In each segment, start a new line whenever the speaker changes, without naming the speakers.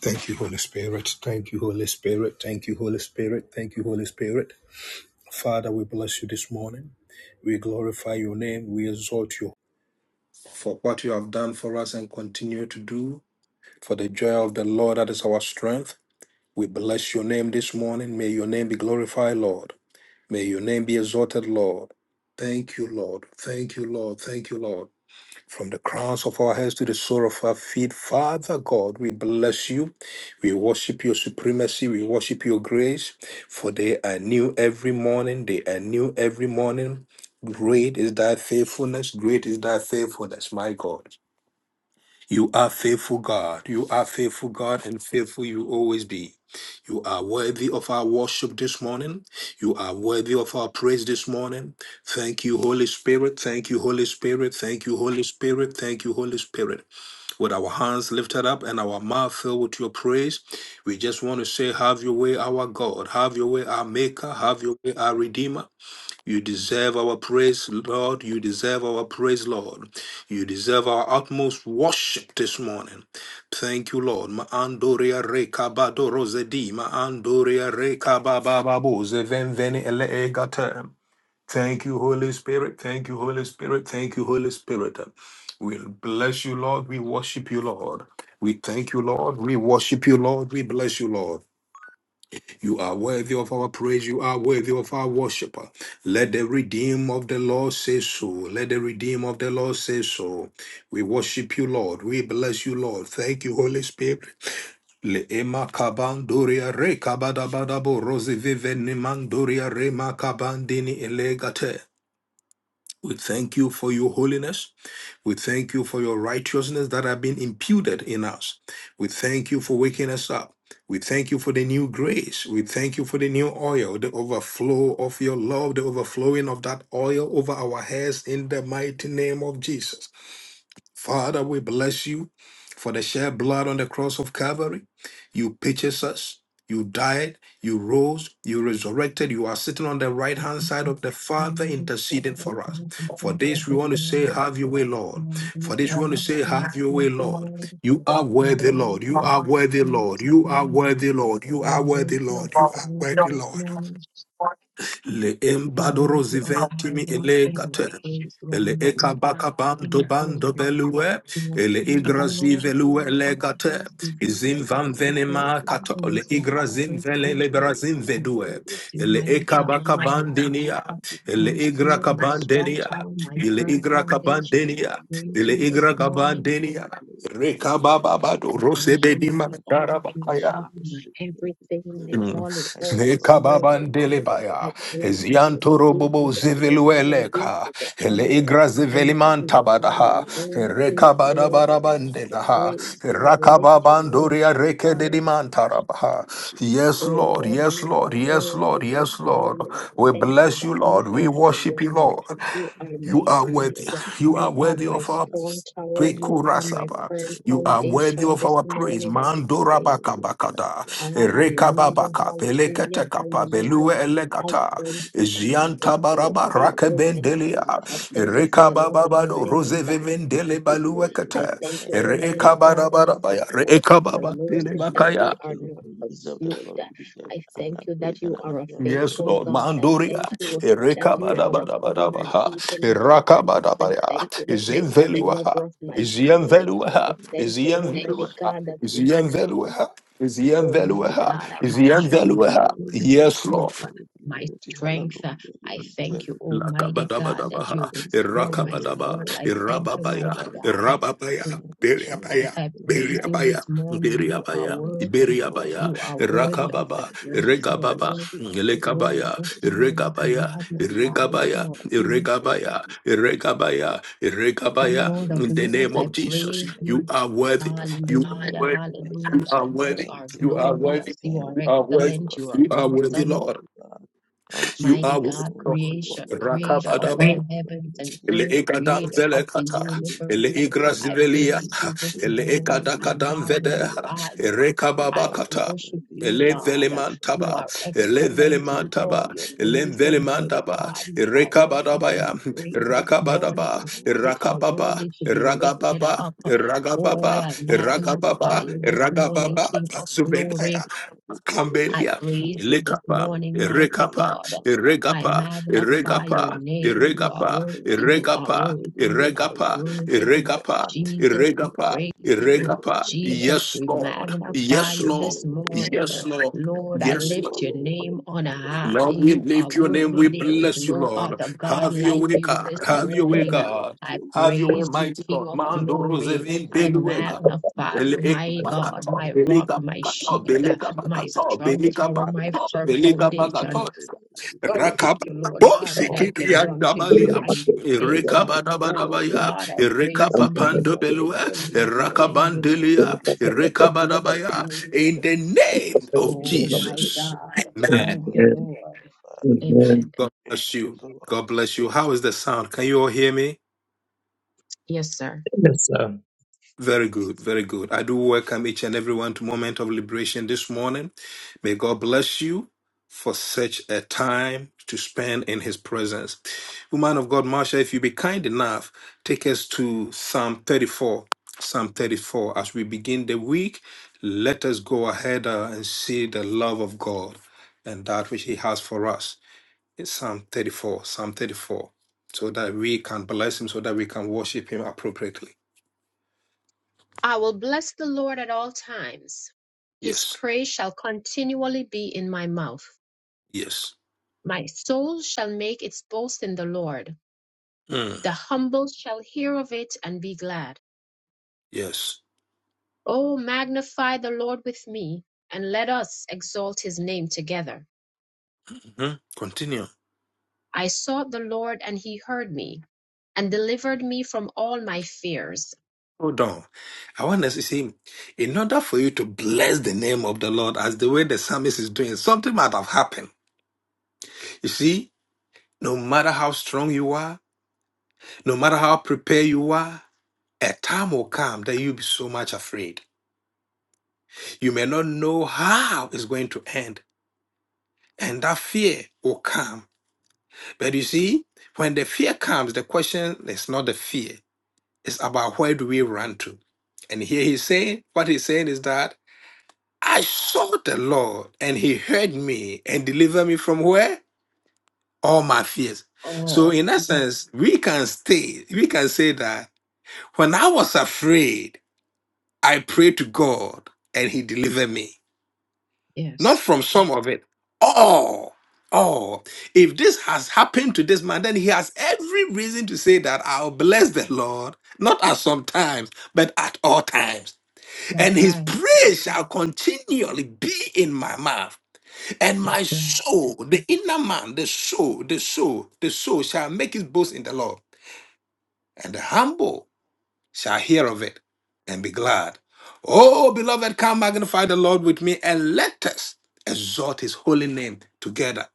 Thank you, Holy Spirit. Thank you, Holy Spirit. Thank you, Holy Spirit. Thank you, Holy Spirit. Father, we bless you this morning. We glorify your name. We exalt you for what you have done for us and continue to do. For the joy of the Lord, that is our strength. We bless your name this morning. May your name be glorified, Lord. May your name be exalted, Lord. Thank you, Lord. Thank you, Lord. Thank you, Lord. From the crowns of our heads to the sole of our feet, Father God, we bless you. We worship your supremacy. We worship your grace. For they are new every morning. They are new every morning. Great is thy faithfulness. Great is thy faithfulness, my God. You are faithful, God. You are faithful, God, and faithful you always be. You are worthy of our worship this morning. You are worthy of our praise this morning. Thank you, Holy Spirit. Thank you, Holy Spirit. Thank you, Holy Spirit. Thank you, Holy Spirit. With our hands lifted up and our mouth filled with your praise, we just want to say, Have your way, our God. Have your way, our Maker. Have your way, our Redeemer. You deserve our praise, Lord. You deserve our praise, Lord. You deserve our utmost worship this morning. Thank you, Lord. Ma andoria re kabado rosedi, ma andoria re kabababo zevenveni ele egate. Thank you, Holy Spirit. Thank you, Holy Spirit. Thank you, Holy Spirit. We bless you, Lord. We worship you, Lord. We thank you, Lord. We worship you, Lord. We bless you, Lord. You are worthy of our praise. You are worthy of our worship. Let the redeem of the Lord say so. Let the redeem of the Lord say so. We worship you, Lord. We bless you, Lord. Thank you, Holy Spirit. Le ema kaban doria re kabada badabo rosi vive niman doria re makabandini elegate. We thank you for your holiness. We thank you for your righteousness that have been imputed in us. We thank you for waking us up. We thank you for the new grace. We thank you for the new oil, the overflow of your love, the overflowing of that oil over our heads in the mighty name of Jesus. Father, we bless you for the shed blood on the cross of Calvary. You purchased us. You died, you rose, you resurrected, you are sitting on the right
This
hand
is the
side of the Father
moment of
interceding
grace
for us. For
and
this, we
this
want to say,
morning,
Have your way, Lord.
moment of
For this, we
fire,
want to say,
King of
Have your
Kings
way,
and
Lord.
Lord of
You are
Lords. You are
worthy, Lord. You
worthy
are
of the
worthy,
praise
Lord.
this
You are
morning.
worthy, Lord. You
You
are
are
worthy,
worthy of
Lord. You
the
are
glory
worthy,
this
Lord.
morning.
le
You are
embadoro
worthy of
ziventimi ele
adoration
gate
and praise. You are
ele eka
magnified,
baka
the King
bando
of
bando
Glory.
belue
King of
ele
kings and
igrazi
Lord of
Praise. I say, Welcome, hallelujah, O Lord, hallelujah. I bless your holy name. I
velue
lords,
ele
I
gate
praise you. Who is
izim
like
van
you, great
venema
God?
kato
Who
le
is like you,
igrazim
great
vele le
King?
brazim
I
vedue
praise you,
ele
mighty
eka
God.
baka
You are my
bandinia
rock,
ele
my
give
igra
shield, my strong
kabandenia
tower,
you
my
all
ele
the praise and you all the
firm
igra
honor. Praise and
foundation.
honor
And I
be
kabandenia
unto your
praise
ele
holy
you
name,
this
igra
King
morning.
kabandenia Rekabababado,
I thank you,
Rosebedima,
mighty God. You
Darabakaya.
are my everything, my
Mm.
all in all this morning. I
Lekababandelebaya,
praise you. I give
Eziantorobobo
you the glory. I give
zivilueleka,
you the honor.
Eleigra
I magnify
zivelimantabadaha,
your name, King of glory. I
Erekabadabarabandelaha,
of
praise you. I
kings,
lift
King
your
of
name
Rakababandoria
kings,
on high. I
I worship
rekededimantarabaha.
you, give you
Yes,
praise, and
Lord,
give you
Lord,
all the
yes,
you are
Lord,
glory.
yes,
worthy
Lord,
this
Thank
yes,
you,
Lord.
morning. I
Father.
We
thank
Thank
you
bless
that
you,
you,
you
Lord.
Lord.
are
We
my
worship you,
Thank
rock.
you,
Lord.
King of
You
Kings.
are
You
my
You are
deserve the
shield.
worthy.
glory. You
You
You
are
are
deserve
worthy
the
my
of
honor,
our
strong tower.
praise,
You
and
are
honor
my
be
Pekurasaba.
unto
firm
your
You
holy
are
name. Be
worthy
foundation
of
this
our
magnified,
praise.
morning, and I
be
Mandora
praise you.
glorified.
bakabakada.
Thank you, Lord.
Hallelujah,
Thank
Rekababaka.
you.
hallelujah,
I
Peleketekapa.
bless your
Belue
hallelujah.
holy name.
I
I
elekata.
give you
thank
all
you,
the praise.
Zianta
Jesus, for
I
your
baraba
give you all the
faithfulness.
honor,
rakebendelia.
praise, and
I
honor be
thank you
unto
for
your
your
holy
love and
name.
Rekabababado.
Be
kindness.
Rosevevendele
magnified, be
I
baluekete.
glorified.
thank you,
Thank you,
Almighty
Father.
God, it is
Rekabarabaya.
because of your
Unto
Rekababandele
mercies
you,
that
O
bakaya.
we
Lord,
are
King of
not
Kings, you deserve the
consumed.
glory, you deserve
I
the
thank
honor,
you that
praise, and
you
honor
are a
be unto your
Yes,
holy
faithful
Lord.
name.
God. I
You
Manduria.
thank
deserve
you
it, you
that you
deserve
are
it.
a
Thank you,
covenant
Lord.
Erekabadabadabaha.
we
keeping
Hallelujah.
God.
Be
I
Erakabadabaya.
thank
magnified,
you
be
that you are the
glorified.
Izenveluaha.
lover of my
Unto you, O
soul.
Lord, O
I
Izienveluaha.
King of
thank
Kings,
you,
I bless
Almighty
you,
Izienveluaha.
God,
I
that
give you
you
praise.
Izienveluaha.
I lift
Almighty
you
Izienveluaha.
up,
God, are my joy,
thank you,
my
Izienveluaha.
peace,
worthy,
my
you
Yes,
hope,
are
Lord.
uh,
worthy,
my
worthy.
strength. uh,
Hallelujah, you
I thank
deserve
you,
it.
Almighty
You
God,
deserve
that
it
you
Lakabadabaha,
unto you,
restore
O
my
Lord, O
Irakabadaba,
soul.
God.
I
Be
thank you,
Irababaya,
mighty
magnified,
God.
thank you,
Irababaya,
Oh,
Father,
Jesus,
thank
Beriabaya.
you,
I
King of
praise
Kings.
you
Beriabaya,
this morning. You are
Beriabaya,
Thank you, O
worthy.
Lord
Iberiabaya,
of
You
God.
are
I
worthy
thank
of
you
the
irakababa,
and I bless
praise.
you.
You
I
are
iregababa,
bless
worthy
you. I
of the
bless you.
glory
I
Lekabaya,
this
bless you.
morning. I
iregabaya,
I bless you.
magnify you,
Holy
King
iregabaya,
and
of
mighty
Kings.
Spirit, I
iregabaya,
give you all the
iregabaya,
glory. All
And
honor
iregabaya.
be
Lord of
In
unto
the
you, O
Lords,
name
I
of
and be
Jesus,
praise you.
you
magnified,
are
be
worthy.
glorified.
You are
Hallelujah,
Thank you,
worthy.
Father.
You
hallelujah.
are
You
worthy.
Thank
are
you,
You
King
are
of Kings.
worthy.
glorious, you are
Thank
You are
you,
worthy.
excellent,
Lord.
you are
You are
Unto you
worthy,
awesome.
alone,
Lord.
O God. Unto you
You
Mighty
are worthy,
alone,
God,
unto
Lord.
you
creation,
alone, unto
creator
you
of
Rakabadaba
alone,
all
King of
heavens
Kings.
and
We
ele
earth,
deserve the
ekadam
creator
glory.
vele
of the
kata,
We
ele
universe.
deserve the honor,
I
praise,
igrazivelia,
and
praise you
honor,
this
ele
praise, and honor
morning.
ekada
be
I
unto
kadam
your holy
vede,
name
magnify you.
ere
be
kababa
I
magnified,
kata.
worship
be
you,
Ele e vele
God.
glorified,
You
mantaba,
are
be
ele e vele
excellent in
glorified,
mantaba,
all
be
your
ele e
ways,
magnified.
vele
Almighty
mantaba,
God. You
Lord,
are
to you, are
worthy
Lord,
to
we
rekabadabaya,
be
give
praised this
our praises to you, are
morning.
rakabadaba,
Lord. I
You
bless
are
you, I
rakababa,
worthy
bless
to
you,
be
I bless
lifted
you,
ragababa,
I
up.
bless you, I bless
Oh,
ragababa,
you.
I
I give you are the
magnify
ragababa,
world,
you this morning,
hallelujah.
ragababa,
King of
Be
glory.
zubedaya,
magnified, be
I
kambelia,
glorified,
praise
however,
you this
lekapa,
like
morning,
is thy
mighty
name, O
rekapa,
God.
God.
I
regapa,
Unto you, O
magnify
Lord,
your
get
Iregapa,
us to
name.
you
You are
Iregapa,
deserve.
worthy.
You
You are
deserve it,
Iregapa,
worthy.
you
You
deserve the
are
Iregapa,
glory, you
worthy.
deserve the
Iregapa,
honor,
Jesus,
praise,
we
and
Iregapa,
honor be
praise
unto
you.
your holy
Iregapa.
name.
Jesus,
Yes,
we
Be
Lord.
magnified,
magnify
Yes,
be
you
Lord.
this morning.
Yes,
glorified.
Lord.
Lord,
Unto
I
Yes,
you,
Lord.
O
lift your name
Lord, unto
on
you, O
high.
Lord
Lord, we
You are
lift your name.
bless
worthy.
We
your
There is
holy
bless you,
name.
no
I
Lord.
give
other
you
God
Have your
praise,
like
way,
you
God.
this
all
Have your way,
praise,
morning.
Lord.
God.
I
Your
Have
holy
your way,
praise
name.
you,
mighty
King
God.
of
thank
Mando
you, O
glory.
Lord,
Rosevin
King
I
of
Beluega.
You
magnify
Ele
you,
deserve the
my
glory. You
God,
Bakato,
my
deserve the
rock,
Belega
honor,
my
praise, and
Bakato,
I
shield
bless
Belega
your
my
holy name,
Bakato,
Lord.
strong
Belega
tower,
I
my
bless
Bakato,
your
firm
holy
Belega
name. I give you
Bakato.
foundation.
praise. I give you
I
all the
Rakaba.
thank you,
glory,
Lord
Oh,
God, that
all
I can
Sekiri
glory
and
run
and
to
honor
you
Dabalia.
belongs
and
to
be
your holy name,
safe.
Lord.
Erekaba
You
Oh
alone, Lord.
Dabadabaya.
God, I praise
Amen.
you
Erekapa
this morning,
Pandobelua.
early
Bless
in the
you, O Lord,
morning
King
will
of
I
glory.
Erakabandelia.
You
rise
deserve the
to
Erekaba
glory.
give you
Dabaya.
glory.
In the
You
name
deserve the
of
Oh
honor,
my
praise,
Jesus.
and honor
God,
belongs to your
thank you,
holy name,
Lord.
Father.
Amen.
Amen.
God
Thank
bless
you,
you.
Lord.
God bless you. How is the sound? Can you all hear me?
Yes, sir.
Yes, sir.
Very good, very good. I do welcome each and everyone to Moment of Liberation this morning. May God bless you for such a time to spend in His presence. Woman of God, Marsha, if you be kind enough, take us to Psalm 34. Psalm 34. As we begin the week, let us go ahead uh, and see the love of God and that which He has for us. It's Psalm 34, Psalm 34, so that we can bless him, so that we can worship him appropriately.
I will bless the Lord at all times. His
Yes,
praise shall continually be in my mouth.
yes,
My soul shall make its boast in the Lord.
Mm,
The humble shall hear of it and be glad.
yes.
Oh, magnify the Lord with me, and let us exalt his name together.
Mhm. Continue.
I sought the Lord, and he heard me and delivered me from all my fears.
Hold on. I want us to see, in order for you to bless the name of the Lord as the way the psalmist is doing, something might have happened. You see, no matter how strong you are, no matter how prepared you are, a time will come that you'll be so much afraid. You may not know how it's going to end, and that fear will come But you see, when the fear comes, the question is not the fear, it's about where do we run to. And here he's saying, what he's saying is that I sought the Lord and he heard me and delivered me from where? All my fears. So,
All.
in essence, we can stay, we can say that when I was afraid, I prayed to God and he delivered me. not
Yes,
from some of it all all if this has happened to this man then he has every reason to say that i'll bless the lord not at some times but at all times
that's
and his
right.
praise shall continually be in my mouth and
That's
my
right.
soul the inner man the soul the soul the soul shall make his boast in the lord and the humble shall hear of it and be glad. Oh, beloved, come magnify the Lord with me and let us exalt his holy name together.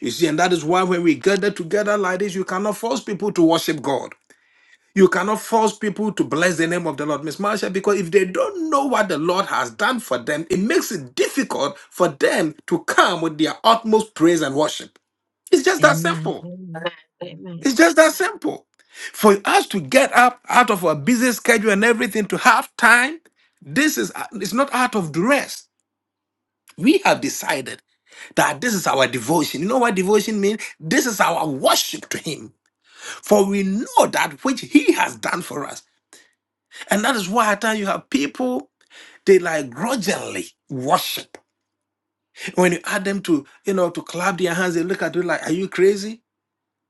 You see, and that is why when we gather together like this, you cannot force people to worship God. You cannot force people to bless the name of the Lord, Miss Marsha, because if they don't know what the Lord has done for them, it makes it difficult for them to come with their utmost praise and worship. It's just that
Amen.
simple.
Amen. Amen.
It's just that simple. For us to get up out of our busy schedule and everything to have time, this is uh, it's not out of duress. We have decided that this is our devotion. You know what devotion means? This is our worship to Him. For we know that which He has done for us. And that is why I tell you have people, they like grudgingly worship. When you add them to, you know, to clap their hands, they look at you like, are you crazy?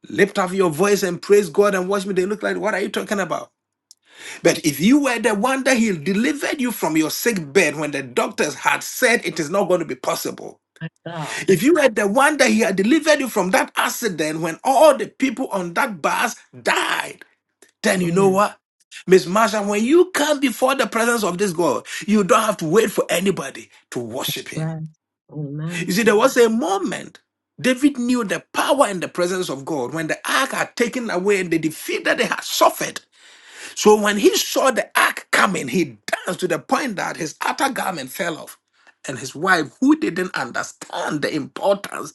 Lift up your voice and praise God and watch me. They look like, what are you talking about? But if you were the one that he delivered you from your sick bed when the doctors had said it is not going to be possible,
My God.
if you were the one that he had delivered you from that accident when all the people on that bus died, then you know
Mm,
what? Miss Marsha, when you come before the presence of this God, you don't have to wait for anybody to worship him.
right.
You
Amen.
see, there was
Amen.
a moment David knew the power and the presence of God when the ark had taken away and the defeat that they had suffered so when he saw the ark coming, he danced to the point that his outer garment fell off. And his wife, who didn't understand the importance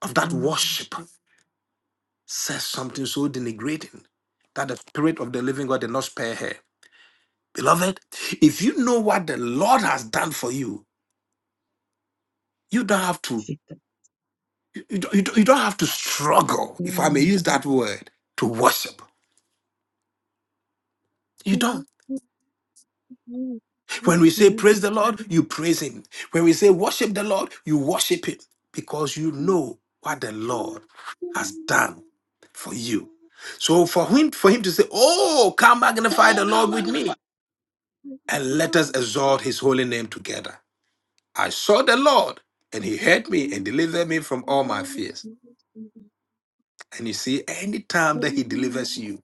of that
Mm.
worship, says something so denigrating that the spirit of the living God did not spare her. Beloved, if you know what the Lord has done for you, you don't have to
Jesus.
you, you, don't- you don't have to struggle, if I may
Mm.
use that word, to worship. You
Mm,
don't.
mm,
When we say
mm,
praise the Lord, you praise Him. When we say worship the Lord, you worship Him because you
mm,
know what the
mm,
Lord has
mm,
done for you.
mm.
So for him, for him to say, "Oh, come
They
magnify the Lord with me, and let us exalt His holy name together." I saw the Lord, and He heard me and delivered me from all my fears. And you see, anytime that He delivers you,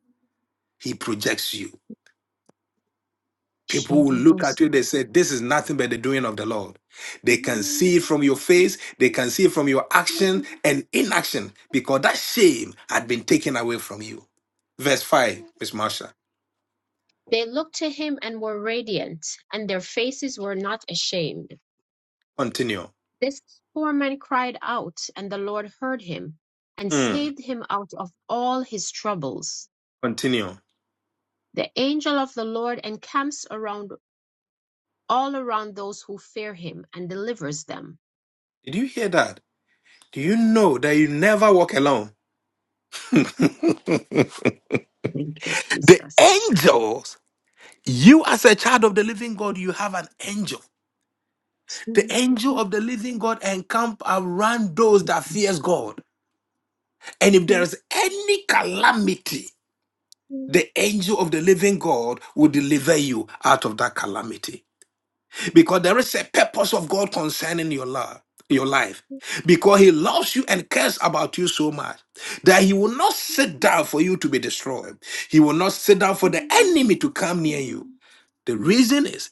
He projects you. People will look at you, they say, This is nothing but the doing of the Lord. They can see it from your face, they can see it from your action and inaction, because that shame had been taken away from you. Verse 5, Miss Marsha.
looked to him and were radiant, and their faces were not ashamed.
Continue.
This poor man cried out, and the Lord heard him and
Mm,
saved him out of all his troubles.
continue.
The angel of the Lord encamps around all around those who fear him and delivers them.
Did you hear that? Do you know that you never walk alone?
Thank you,
The
Jesus.
angels, you as a child of the living God, you have an angel. The angel
Thank
of the living God encamp around those that fears God. And if there is any calamity, the angel of the living God will deliver you out of that calamity. Because there is a purpose of God concerning your life, your life. Because he loves you and cares about you so much that he will not sit down for you to be destroyed. He will not sit down for the enemy to come near you. The reason is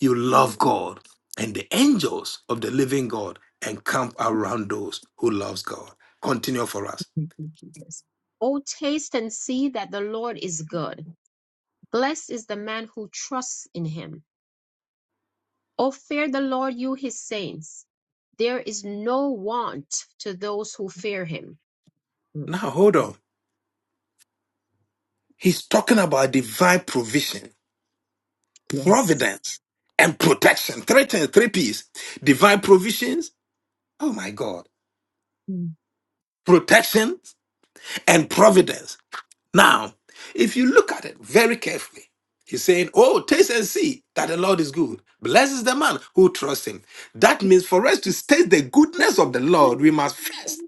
you love God and the angels of the living God encamp around those who loves God. Continue for us.
you, Jesus. Oh, taste and see that the Lord is good. Blessed is the man who trusts in him. Oh, fear the Lord, you his saints. There is no want to those who fear him. Mm,
Now hold on. He's talking about divine provision
Yes.
providence and protection. Three things, three P's. Divine provisions. Oh my God.
Mm.
Protection and providence. Now, if you look at it very carefully, he's saying, Oh, taste and see that the Lord is good. Blessed is the man who trusts him. That means for us to taste the goodness of the Lord, we must first,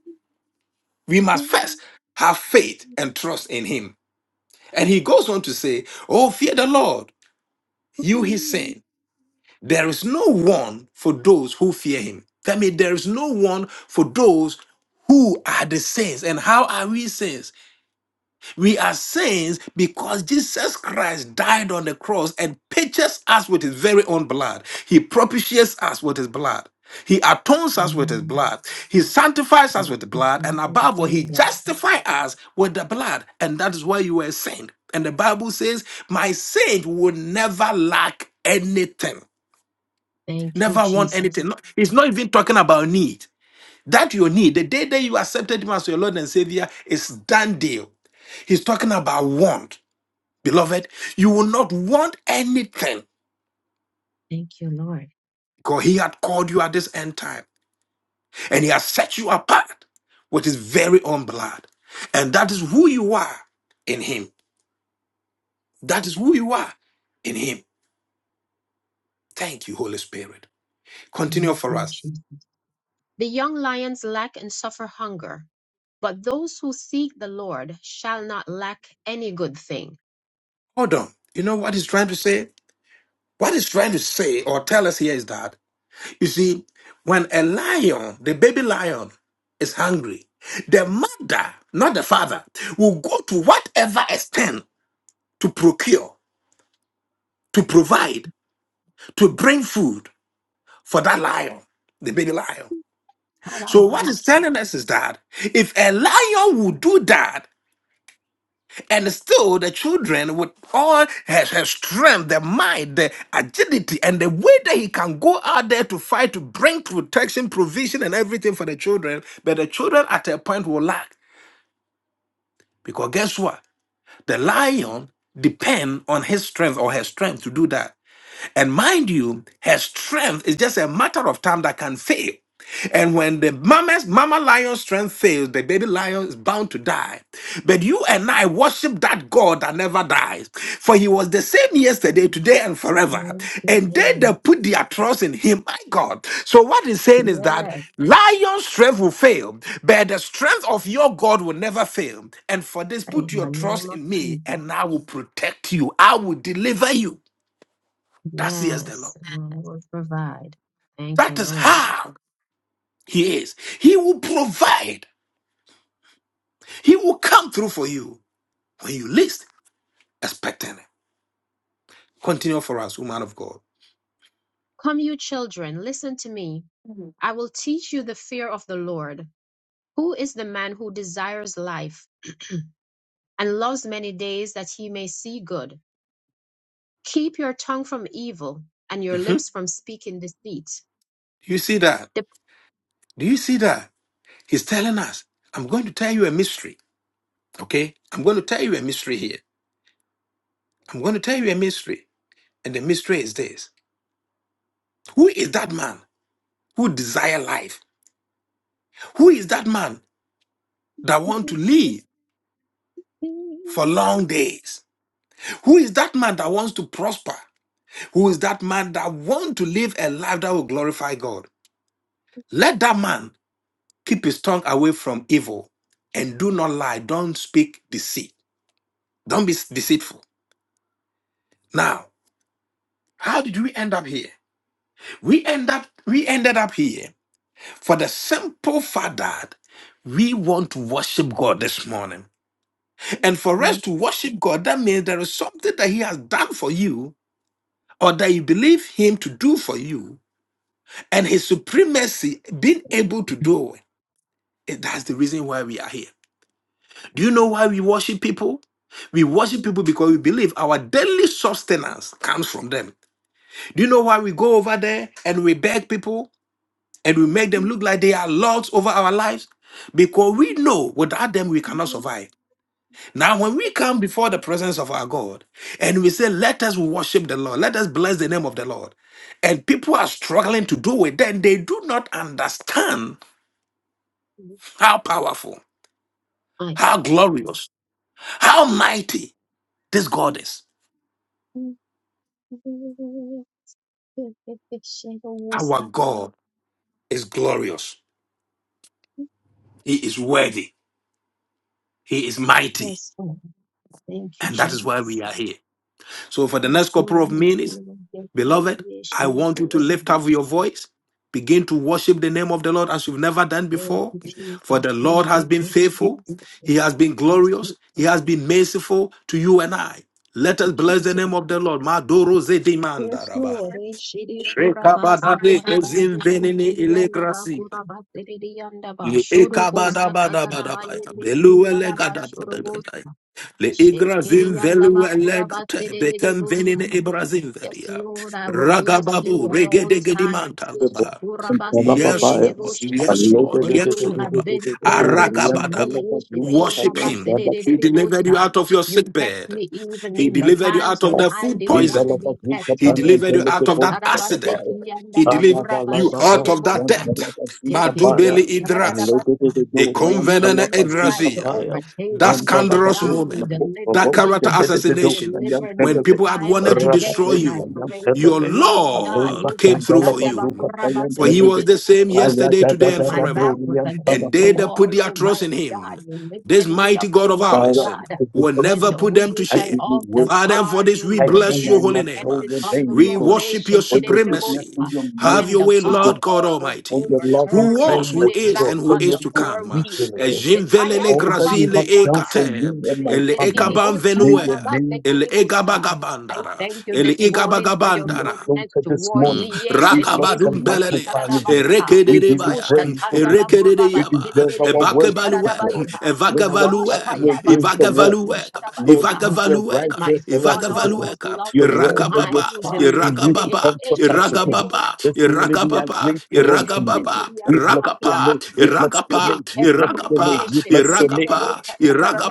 we must first have faith and trust in him. And he goes on to say, Oh, fear the Lord, you his saints. There is no one for those who fear him. That means there is no one for those who are the saints. And how are we saints? We are saints because Jesus Christ died on the cross and purchased us with his very own blood. He propitiates us with his blood. He atones us
Yeah.
with his blood. He sanctifies us
Thank
with the
you,
blood. And
Jesus,
above
for
all,
your
he
love.
justifies us with the blood. And that is why you were a saint. And the Bible says, My saint will never lack anything.
Thank you,
Never want
Jesus.
anything. No, he's not even talking about need. That your need, the day that you accepted him as your Lord and Savior, is done deal. He's talking about want. Beloved, you will not want anything
Thank you, Lord.
because he had called you at this end time and he has set you apart with his very own blood. And that is who you are in him. That is who you are in him. Thank you, Holy Spirit. Continue
Thank
for
you,
us.
Jesus. The young lions lack and suffer hunger, but those who seek the Lord shall not lack any good thing.
Hold on. You know what he's trying to say? What he's trying to say or tell us here is that You see, when a lion, the baby lion, is hungry, the mother, not the father, will go to whatever extent to procure, to provide, to bring food for that lion, the baby lion. So,
Thank
what it's telling us is that if a lion will do that, And still, the children with all his, his strength, the might, the agility, and the way that he can go out there to fight to bring protection, provision, and everything for the children. But the children at a point will lack because guess what? The lion depend on his strength or her strength to do that. And mind you, her strength is just a matter of time that can fail. And when the mama's mama lion's strength fails, the baby lion is bound to die. But you and I worship that God that never dies. For he was the same yesterday, today, and forever.
you,
And they
Lord.
that put their trust in him, my God. So what he's saying is that
Yes,
lion's strength will fail, but the strength of your God will never fail. And for this,
in
put your
the
trust
name of
in me,
Jesus.
and I will protect you. I will deliver you. That's yes, the Lord.
Yes, Lord will provide. Thank you,
That is
Lord.
how He is. He will provide. He will come through for you when you least expect it. Continue for us, woman of God.
Come, you children, listen to me. I will teach you the fear of the Lord. Who is the man who desires life and loves many days that he may see good? Keep your tongue from evil and your
Mhm.
lips from speaking deceit.
You see that?
Dep-
Do you see that? He's telling us, I'm going to tell you a mystery. Okay? I'm going to tell you a mystery here. I'm going to tell you a mystery. And the mystery is this. Who is that man who desire life? Who is that man that want to live for long days? Who is that man that wants to prosper? Who is that man that want to live a life that will glorify God? Let that man keep his tongue away from evil and do not lie. Don't speak deceit. Don't be deceitful. Now, how did we end up here? We end up we ended up here for the simple fact that we want to worship God this morning. And for us to worship God, that means there is something that He has done for you or that you believe Him to do for you and His supremacy being able to do it. Eh, That's the reason why we are here. Do you know why we worship people? We worship people because we believe our daily sustenance comes from them. Do you know why we go over there and we beg people and we make them look like they are lords over our lives? Because we know without them we cannot survive. Now, when we come before the presence of our God and we say, Let us worship the Lord, let us bless the name of the Lord, and people are struggling to do it, then they do not understand how powerful,
My
how
God.
glorious, how mighty This God is our God, is glorious. He is worthy. He is mighty.
Yes, Lord. Thank you,
And that is why
Jesus.
we are here. So, for the
Yes,
next couple
glory,
of
yes,
minutes,
glory, yes, Lord.
beloved,
Yes,
I
glory,
want you to
yes,
lift
glory.
up your voice. Begin to worship the name of the Lord as you've never done
Thank
before.
you,
For
Jesus.
the
Yes,
Lord has been
glory,
faithful,
yes,
He has been
glory.
glorious, He has been merciful to you and I. Let
Thank
us
you,
bless the
Jesus.
name of the Lord. Madoro
Yes,
zedimanda raba.
Lord. Eh, shiri kurabasa
Rekabadade
tarabando
kozinvenini
yanda ba
ilegrasi.
kuraba teriri yanda ba
Le ekabada
shorobosa
bada bada
kataraba
baya
yende kiri
beluele
yanda ba
gada ekabadabadabadabaya, beluwelegadabadagadaya,
shorobosa
le igrazin
yanda ba
veluwelegate, bekem
kurabateriribosa
venine ibrazin
Yes,
veria,
Lord, I will bless
ragababu
you at all times.
The book
regedegedimantagaba.
and
Yes,
Talababaya.
Lord.
Yeshikurabasididididibush.
Yes, Lord.
For
Yes,
you
Lord.
have been so good to
Arakabadaba.
me.
Worship Him. He delivered you
Yeshikurabasididididibush.
out of your
You
sick
kept
bed.
me even
He
in the
delivered you
times
out of
when
that
I
food
didn't want to
poison.
be kept.
He delivered you out of that accident. He
I
delivered you
give
out of that
Ushatarabasekiyandabakurabashididibush.
death. Madubeli idrasa.
Yekidibushadadadabasa.
A
When the
convenant
enemies tried to
idrazia.
overtake
That
me, mighty
scandalous
God, you
moment.
delivered
That
me.
character
You
assassination.
delivered
When
me
people had
time and
wanted to
again,
destroy
and I
you,
praise
your
you, Lord God.
Lord came through for you. For he was the same yesterday, today,
When
and
my back
forever.
was
And
against the
they that put
wall,
their trust in
Almighty
him
God, you
this
lifted me
mighty
up,
God of
Almighty
ours um,
God.
will
When
never
the
put them
wheel
to
fell
shame.
you
off the
Father,
worship.
for
car,
this
you
we
I
were
bless
am
there.
your
I
You
holy
not
name.
kept
told
it
your
on the
name, O
We
God,
road.
worship your
for your goodness
supremacy.
and your mercy,
Have
When
your
the
way,
so
car
God.
Lord God
almost
for
Almighty,
your loving
who
overturned, you
was,
put
who
it
kindness, O
is,
back
God,
and
for
who
on
is
your
the
to come.
four wheels.
provision, O God, for
Ejimvelele
all that you
grazile
have done for
ekate,
me and my
ele
family.
ekabam
may
venue,
your name
ele
Resetiribuchatarabastekiribusa. I
egabagabandara,
thank you
ele
this morning for your
you
igabagabandara,
goodness
exalted this
toward
morning.
me.
We bless and
rakabadum belelea
magnify your name.
Yeshetiribusatarabasa.
We give you
erekedebaya
praise, O God. You
erekedeyaba
deserve our worship, O
ebakebalue
God.
Ushatandabakurabastedededebosharabasa.
When our
evagavalue
backs were against the wall,
ivagavalueka
Lord,
Oshayabasundukusharabasa.
you were
When
right
ivagavalueka
my
there for us,
son
O God.
almost
ivagavalueka
lost
Your
his
rod and your
mind,
rakababa
you
staff, you
delivered
used to
him.
iragababa
comfort us, O God.
iragababa
This morning we
You
are
iragababa
kept
grateful
him,
unto you.
iragababa
We bless your
rakapa
name. We
Eshetirianabakurabase.
bless your
iragapa
You
name. We
kept
bless
me,
your
iragapa
name. We bless your name.
iragapa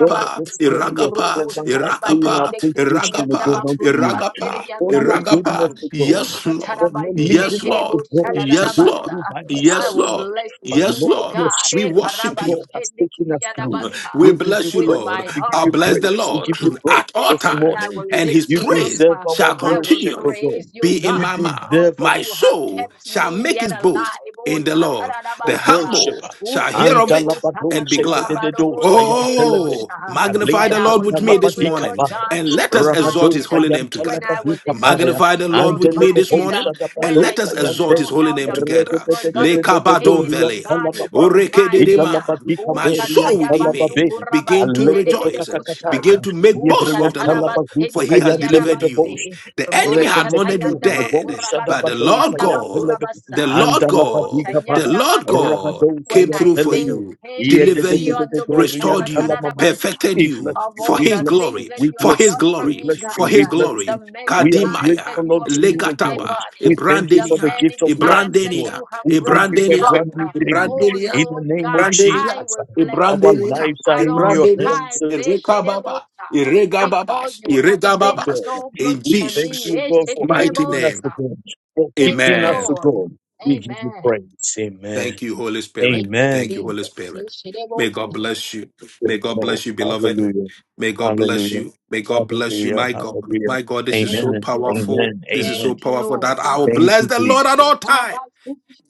God, this morning your
iragapa
presence are showing our
iragapa
Robosarabayende
appreciation, O God,
iragapa
unto you
iragapa
for your
Kishrianabakurabaserianabasha.
goodness
Ragapa.
to God,
Yes,
for
Lord.
not
Ushatarabayende
Yes,
leaving us
Lord.
to go, to
Yes,
go
Lord.
Kerebosarabasa.
through by
I
Yes,
will
ourselves.
Lord.
bless
But
you,
Yes,
Lord,
Lord
your
Lord.
God,
We
spirit to
worship you.
God has
Ekarabashende
taken us through.
Kirianabasa.
We
We give you
bless you,
with
praise,
Lord.
my
we give
I
heart,
you
my
bless the
praise, we
Lord
soul,
give
my
you praise
at all
this
everything.
times,
I
morning.
will
and his
lift
You
you up.
praise
deserve
ah.
our
shall
I will
worship, O
continually
praise
God.
you,
be in
You
God,
my mouth.
because
deserve
My
our
you have
soul
kept
shall
me
make
yet
its boast
alive. Oh,
in the Lord.
for
The
shatarabasa.
worship.
humble
Oh,
shall hear of it
shededebosa,
and be glad.
Antalabadosekededos,
katarabadobose,
Ayantelebe,
Oh,
kededebosha.
magnify
When
Aleba
the
I
Lord
was
with me this
hungry,
Antalabadika
Lord
morning,
Paya,
God,
and
you
let us exalt
Rabados,
his
provided. uh,
holy name
When I
together.
was
Ayantalabadika
in
Paya,
need,
Magnify the
you
Lord with me me this
provided.
morning,
uh,
Andelebebosa
When
and
Dabados,
I
let us
didn't
Ayante,
exalt
know
his holy
how
name
the
together.
bills were going to be
Lekabadon
paid, oh
Rededededededorian
velea,
God, you
Talababa,
provided.
orekededema.
uh,
Idalabadika
Oh,
My soul
Borian
within me
Talababe,
begin to
Aleko
rejoice,
shatayabandukurabasedededebosha.
Tokatakataya,
begin to make
Oh,
boast of
Yebrian
the Lord,
Talabazuka
for he has delivered you.
shatarabasendikiyadabase.
Ayantelebebosa,
The enemy had wanted
Reketeketo,
you
Roshatayanda
dead,
bakura
Bosa
but the
Dabados,
Lord
baseriyanda
God,
bakura
Ayantelebe,
basa.
the Lord
O
God,
Andalabadika
the
Paya.
shayanda
Lord
basa.
God
Rabadon
came
When
Sayan
I
through for
Telebe.
think,
you
hey,
deliver
shetiri
you,
ando
Yedededededorian
restored you,
Talamama.
perfected
We bless
you
of
you,
for
all
we
his
the
bless
things
you,
glory,
that
we
you
for
have
bless you,
his
done for
we
glory,
me,
bless
God.
you,
for
we
Uh,
his
bless
The
glory.
you.
many
We are
times
Kadimaya,
that
grateful
you have
unto you,
healed
O
my
God.
Legataba,
body.
We thank you
The
for the
Ebrandenia,
gift
many
of life,
times
O
that
God.
Ebrandenia,
you have
We thank
brought
you for
me
a
Ebrandenia,
out.
brand
Uh,
new day.
Oh
Ebrandenia,
In the
Lord
name of
God, I
Brandenia,
Jesus,
will bless
our
you
Ebrandenia,
lives are
at
in
all
your
Ebrandenia,
hands,
times,
O
Erekababa,
Eshedebota, because
Eregababas,
you have been
Eregababas,
God.
so good
in
We
to
thank
me.
Jesus'
you, God, for
mighty
holding us,
name.
O
Eshedebosa.
God, for
Thank you,
keeping us,
Amen.
O
Lord.
God. We give you
Amen.
praise. Amen.
Thank you, Holy Spirit.
Thank you,
Amen.
Thank you, Holy
Jesus.
Spirit. May
Eshedebosa.
God bless you.
Yes,
May God
Lord.
bless you, beloved.
Hallelujah.
May God bless
Hallelujah.
you. May God bless you,
Hallelujah.
my God.
Hallelujah.
My God, this is so
Thank
Amen.
you,
powerful.
Jesus.
Amen.
This is so
Thank
Amen.
you,
powerful that I
Lord.
will
Thank
bless
you,
the Lord at
Jesus.
all times.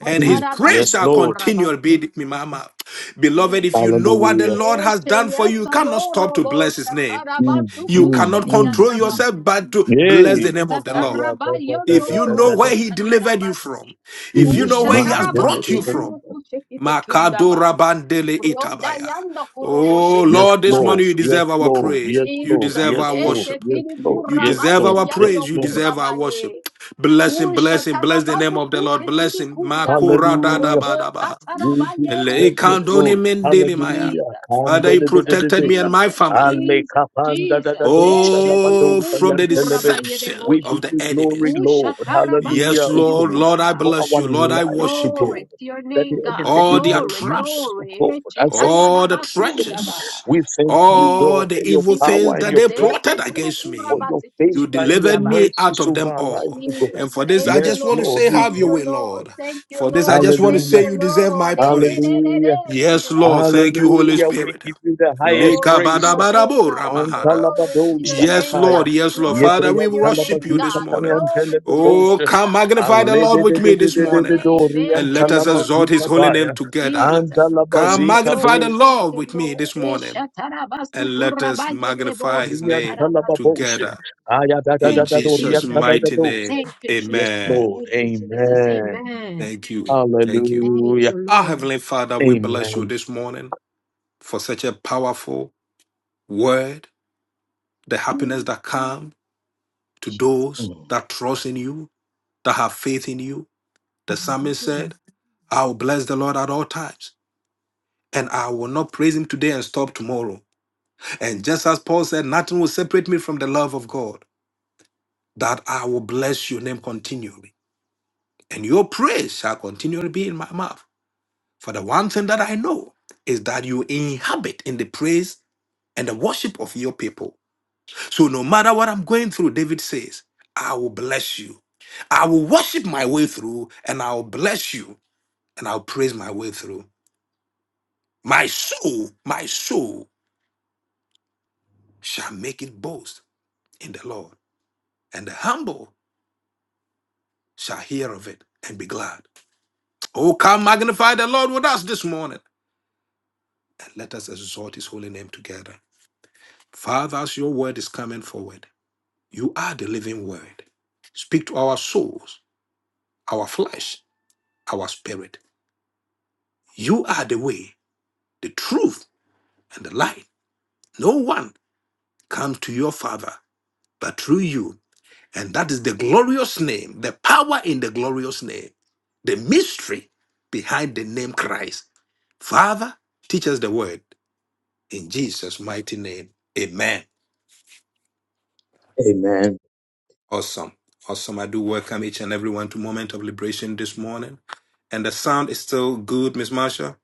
and his
Mm.
praise
Yes,
shall
Lord.
continually be in my mouth. Beloved, if you
Jesus.
know what the
Hallelujah.
Lord has done for you, you cannot stop to
Esheyasodorobo
bless his name.
Mm,
You
mm,
cannot
mm,
control
mm.
yourself
shatarabasukushediyandabasi.
but to bless
Yay.
the name of the
Ah,
Lord.
yeah, da, da, da,
If
da,
you
da,
know
da,
Usatarabariondorobo
da.
where he delivered you
shatarabasi.
from, if you know
Mm,
where
my
he has brought you
deliverable.
from,
Ushatarabansukurukushekitekundaba.
Makadora bandele itabaya. Oh
Yes,
Lord, this
Lord.
morning you
Rodayandakuroboshediyandabatu.
Yes,
deserve our
Lord.
praise.
Yes,
You
Lord.
Jesus.
deserve
Yes,
our
Lord.
worship.
Yes, Lord.
You
Yes,
deserve
Lord.
our
Yes,
praise. You
Lord.
deserve our
Eshekirikurabaseyandokurabaye.
worship. Blessing, blessing, bless him, bless the name
Ushatarabaso
of the Lord.
kushe kiri
Blessing.
kundaba.
Makora da
Hallelujah.
da ba
Robo
da ba.
You
Ele
deserve your
satarabayendeke.
kandoni
glory.
mendele maya.
Hallelujah.
Jesus,
Father, you
Jesus,
protected me and
Kandadadadadadaya.
my
Jesus,
family.
Jesus, Jesus.
Oh, from
Esheturumusu
the
Alekapandadadadosadabadosayantelebe.
deception
We give
of
kurabayerebosha.
the
you glory,
enemies.
Lord.
Ushatarabase
Hallelujah,
Yes,
O
kiri
Lord.
God.
Lord, I
kuraba.
For
bless
our
you. Lord, I
lives, O
worship
Glory
God.
you.
to your
That
name,
the
God.
enemy
All
did
their
not
Glory,
use
traps
us, O
glory.
God, as a
all the
fool, O God.
Echetayadabasundaba.
trenches,
We thank you,
all
God,
Jesus,
for
the
your
evil
power
things
and
that
your
Jesus.
they plotted
presence,
against
for
me.
your
Esheturukurabase
favor
You
and your
delivered
kishikundaba.
me out
mercies
of
over
them
our lives,
all.
O God.
Jesus,
And for this, I
thank you,
Yes,
just want to
Lord.
Lord,
say,
we
have
Thank
your
you,
way,
Lord.
Lord.
Thank you,
For this, I
Lord.
just want to
Thank
Hallelujah.
say,
you,
you deserve my
Lord. Eh, eh,
praise.
eh, eh,
Hallelujah.
eh,
Yes, Lord. Thank you, Holy
Shidabusarabasa.
Hallelujah. We
Spirit.
give you the highest
Glory to
praise.
your name,
Lekabadabadabo
God.
ramahada.
Glory to
Antalabado,
your
Yes,
name, God.
Antalabadosakataya.
Lord. Yes, Lord.
Glory
Father,
to
we
your
worship
name,
you this
God.
morning.
Glory to your
Oh,
Yebriantalabazukatayantelebebosha.
name,
come
God.
magnify the Lord with me
Glory to
this
your
morning
name. Eh,
and let us
Shidabus-
exalt his holy name
Aledededededededoriantalamazukabaya.
together.
Jesus.
Come
Thank you,
magnify
Lord.
the
Ayadadadadorian
Thank
Lord
you,
with me
Lord.
this
Eh,
morning and let us magnify his name
Shatarabasukurabayedebosarabasa.
together. In
Thank you,
Jesus'
Jesus.
mighty name,
Ayadadadadadoriantadadadosha.
Thank you,
Yes,
Jesus.
amen.
Lord.
Thank you, Jesus.
Amen.
Amen.
Thank you. Thank you.
Thank
Hallelujah.
you,
Our
Lord.
Heavenly Father, we bless you
Amen.
this morning for such a powerful word, the happiness
Mm,
that comes to
Jesus.
those that trust in you that have faith in you. The psalmist
Hallelujah.
said, I will bless the Lord at all times, and I will not praise him today and stop tomorrow. And just as Paul said, nothing will separate me from the love of God, that I will bless your name continually. And your praise shall continually be in my mouth. For the one thing that I know is that you inhabit in the praise and the worship of your people. So no matter what I'm going through, David says, I will bless you. I will worship my way through, and I will bless you, and I'll praise my way through. My soul, my soul shall make it boast in the Lord, and the humble shall hear of it and be glad. Oh, come magnify the Lord with us this morning, and let us exalt his holy name together. Father, as your word is coming forward, you are the living word. Speak to our souls, our flesh, our spirit. You are the way, the truth, and the light. No one comes to your Father but through you. And that is the glorious name, the power in the glorious name, the mystery behind the name Christ. Father, teach us the word in Jesus' mighty name. Amen.
Amen.
Awesome. Awesome. I do welcome each and everyone to Moment of Liberation this morning. And the sound is still good, Miss Marsha.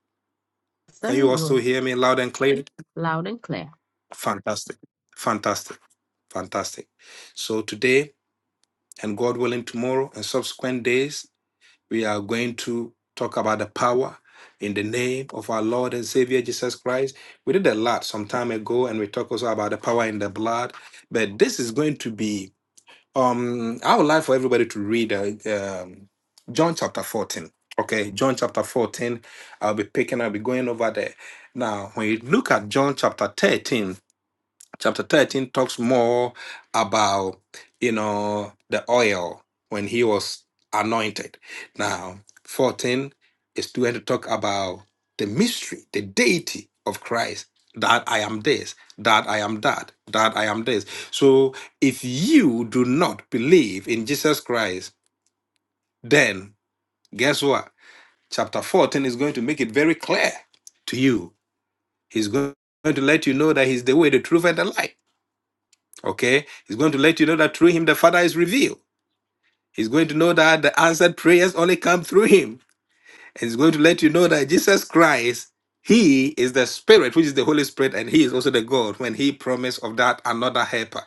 Can
Sir,
you also
you're
hear me loud and clear?
loud and clear.
Fantastic. Fantastic. Fantastic. So today and God willing tomorrow and subsequent days we are going to talk about the power in the name of our Lord and Savior Jesus Christ. We did a lot some time ago, and we talked also about the power in the blood. But this is going to be, um, I would like for everybody to read uh, um, John chapter 14. Okay, John chapter 14. I'll be picking, I'll be going over there. Now, when you look at John chapter 13, chapter 13 talks more about you know the oil when he was anointed now 14 is going to talk about the mystery the deity of christ that i am this that i am that that i am this so if you do not believe in jesus christ then guess what chapter 14 is going to make it very clear to you he's going to let you know that he's the way the truth and the life Okay? He's going to let you know that through him the Father is revealed. He's going to know that the answered prayers only come through him. It's going to let you know that Jesus Christ, He is the Spirit, which is the Holy Spirit, and He is also the God when He promised of that another helper.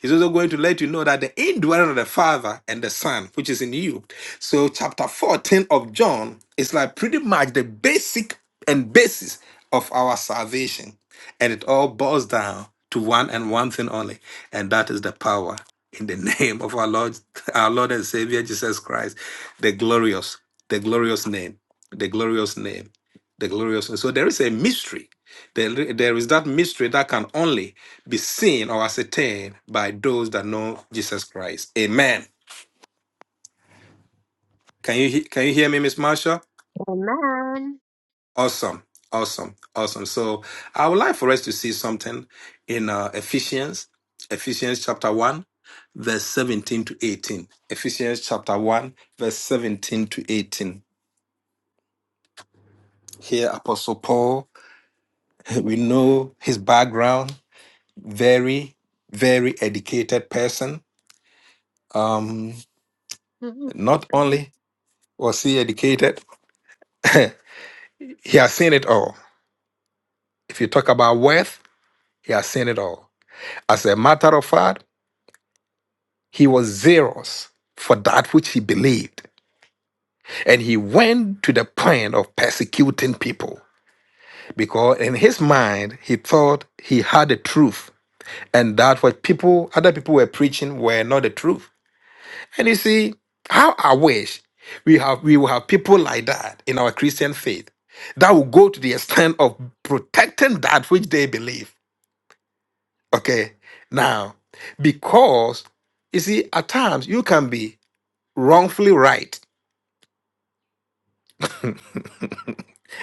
He's also going to let you know that the indwelling of the Father and the Son, which is in you. So, chapter 14 of John is like pretty much the basic and basis of our salvation. And it all boils down to one and one thing only, and that is the power in the name of our Lord, our Lord and Savior Jesus Christ, the glorious, the glorious name, the glorious name, the glorious. name. So there is a mystery. There, there is that mystery that can only be seen or ascertained by those that know Jesus Christ. Amen. Can you he- can you hear me, Miss Marsha?
Amen.
Awesome, awesome, awesome. So I would like for us to see something in uh, Ephesians, Ephesians chapter one. verse 17 to 18. Ephesians chapter 1, verse 17 to 18. Here, Apostle Paul, we know his background, very, very educated person. Um,
Mhm.
not only was he educated, he has seen it all. If you talk about wealth, he has seen it all. As a matter of fact, he was zealous for that which he believed. And he went to the point of persecuting people. because in his mind he thought he had the truth and that what people other people were preaching were not the truth and you see how i wish we have we will have people like that in our christian faith that will go to the extent of protecting that which they believe okay now because you see at times you can be wrongfully right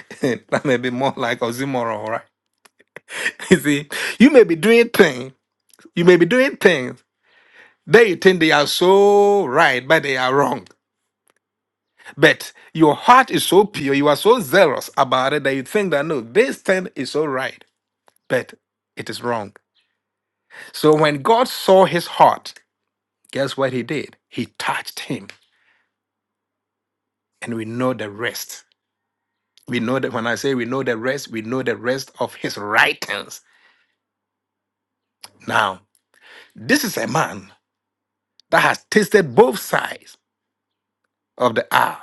that may be more like oxymoron alright? you see you may be doing things you may be doing things They think they are so right, but they are wrong. But your heart is so pure, you are so zealous about it that you think that no, this thing is so right, but it is wrong. So when God saw his heart, guess what he did? He touched him, and we know the rest. We know that when I say we know the rest, we know the rest of his writings. Now, this is a man that has tasted both sides of the hour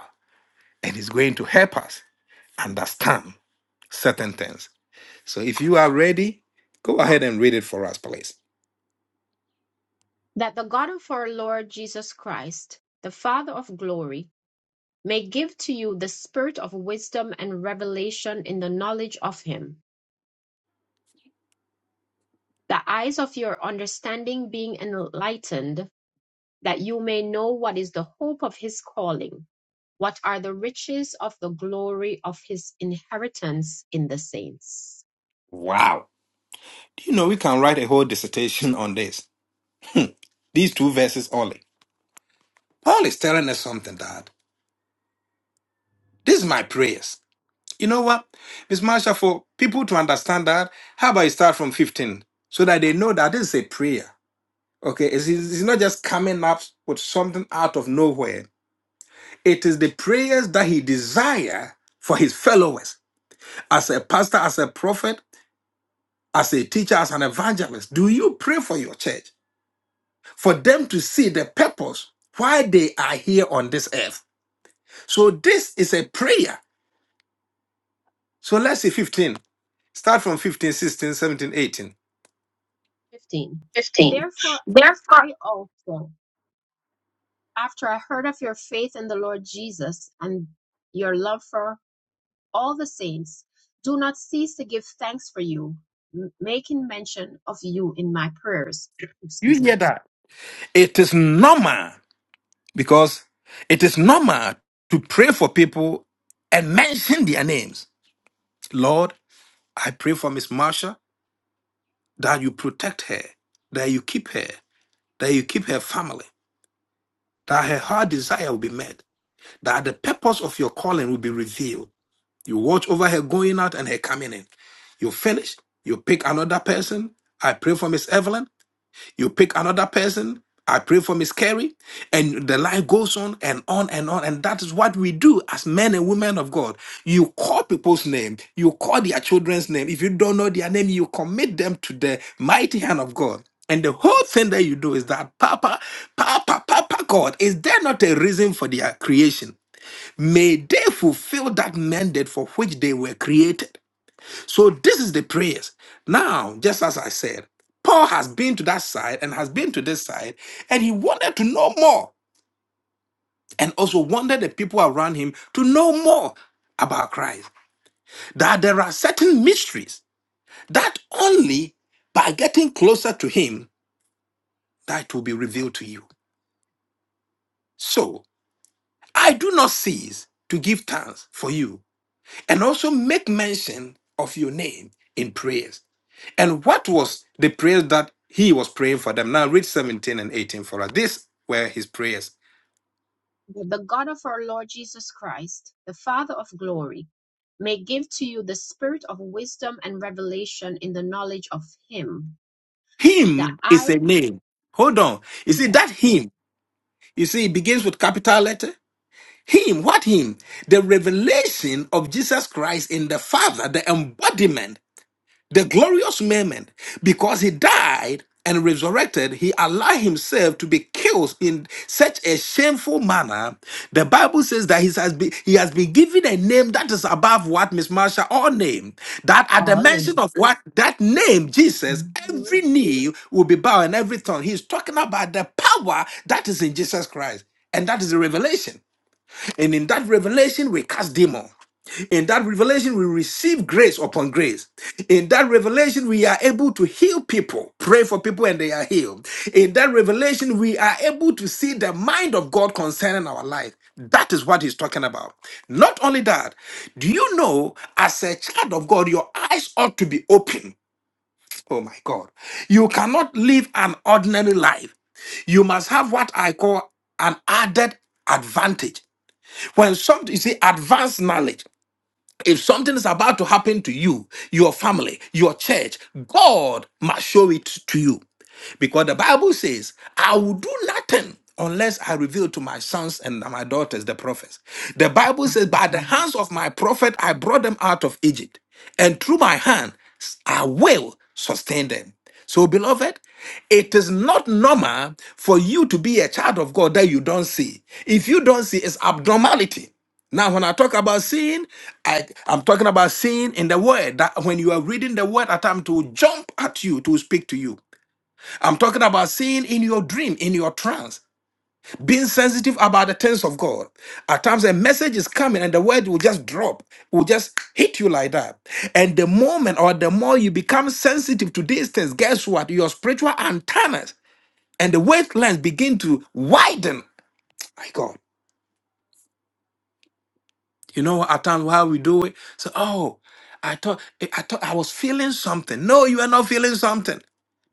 and is going to help us understand certain things. So if you are ready, go ahead and read it for us, please.
That the God of our Lord Jesus Christ, the Father of glory, may give to you the spirit of wisdom and revelation in the knowledge of him, the eyes of your understanding being enlightened that you may know what is the hope of his calling, what are the riches of the glory of his inheritance in the saints.
Wow. Do you know we can write a whole dissertation on this? These two verses only. Paul is telling us something, Dad. This is my prayers. You know what? Miss Marsha, for people to understand that, how about you start from 15 so that they know that this is a prayer? Okay, it's, it's not just coming up with something out of nowhere. It is the prayers that he desires for his followers as a pastor, as a prophet, as a teacher, as an evangelist, do you pray for your church for them to see the purpose why they are here on this earth? So this is a prayer. So let's see 15. Start from 15, 16, 17, 18.
15. Therefore, I also, after I heard of your faith in the Lord Jesus and your love for all the saints, do not cease to give thanks for you, m- making mention of you in my prayers.
You
Excuse me
hear that? It is normal because it is normal to pray for people and mention their names. Lord, I pray for Miss Marsha that you protect her, that you keep her, that you keep her family, that her heart desire will be met that the purpose of your calling will be revealed. You watch over her going out and her coming in. You finish, you pick another person. I pray for Miss Evelyn. You pick another person. I pray for Miss Carrie. And the line goes on and on and on. And that is what we do as men and women of God. You call people's name, you call their children's name. If you don't know their name, you commit them to the mighty hand of God. And the whole thing that you do is that Papa, Papa, Papa God, is there not a reason for their creation? May they fulfill that mandate for which they were created. So this is the prayers. Now, just as I said, Paul has been to that side and has been to this side, and he wanted to know more, and also wanted the people around him to know more about Christ. That there are certain mysteries that only by getting closer to him that will be revealed to you. So I do not cease to give thanks for you and also make mention of your name in prayers. And what was the prayers that he was praying for them? Now read 17 and 18 for us. These were his prayers.
that the God of our Lord Jesus Christ, the Father of glory, may give to you the spirit of wisdom and revelation in the knowledge of Him, that
Him
I,
is a name. Hold on. You see,
yeah,
that him, you see, it begins with capital letter. Him, what him? The revelation of Jesus Christ in the Father, the embodiment the glorious moment because he died and resurrected he allowed himself to be killed in such a shameful manner the bible says that he has been he has been given a name that is above what miss marsha all named that at the
all
mention
names,
of what that name jesus every knee will be bowed and every tongue he's talking about the power that is in jesus christ and that is the revelation and in that revelation we cast demon in that revelation, we receive grace upon grace. In that revelation, we are able to heal people, pray for people, and they are healed. In that revelation, we are able to see the mind of God concerning our life. That is what he's talking about. Not only that, do you know, as a child of God, your eyes ought to be open. Oh my God. You cannot live an ordinary life. You must have what I call an added advantage. When something, you see, advanced knowledge. If something is about to happen to you, your family, your church, God must show it to you. Because the Bible says, I will do nothing unless I reveal to my sons and my daughters, the prophets. The Bible says, By the hands of my prophet, I brought them out of Egypt, and through my hand, I will sustain them. So, beloved, it is not normal for you to be a child of God that you don't see. If you don't see, it's abnormality. Now, when I talk about seeing, I, I'm talking about seeing in the word. That when you are reading the word, at time to jump at you to speak to you. I'm talking about seeing in your dream, in your trance, being sensitive about the things of God. At times, a message is coming and the word will just drop, will just hit you like that. And the moment or the more you become sensitive to these things, guess what? Your spiritual antennas and the wavelengths begin to widen. My God. You know, at times why we do it. So, oh, I thought eh, I thought I was feeling something. No, you are not feeling something.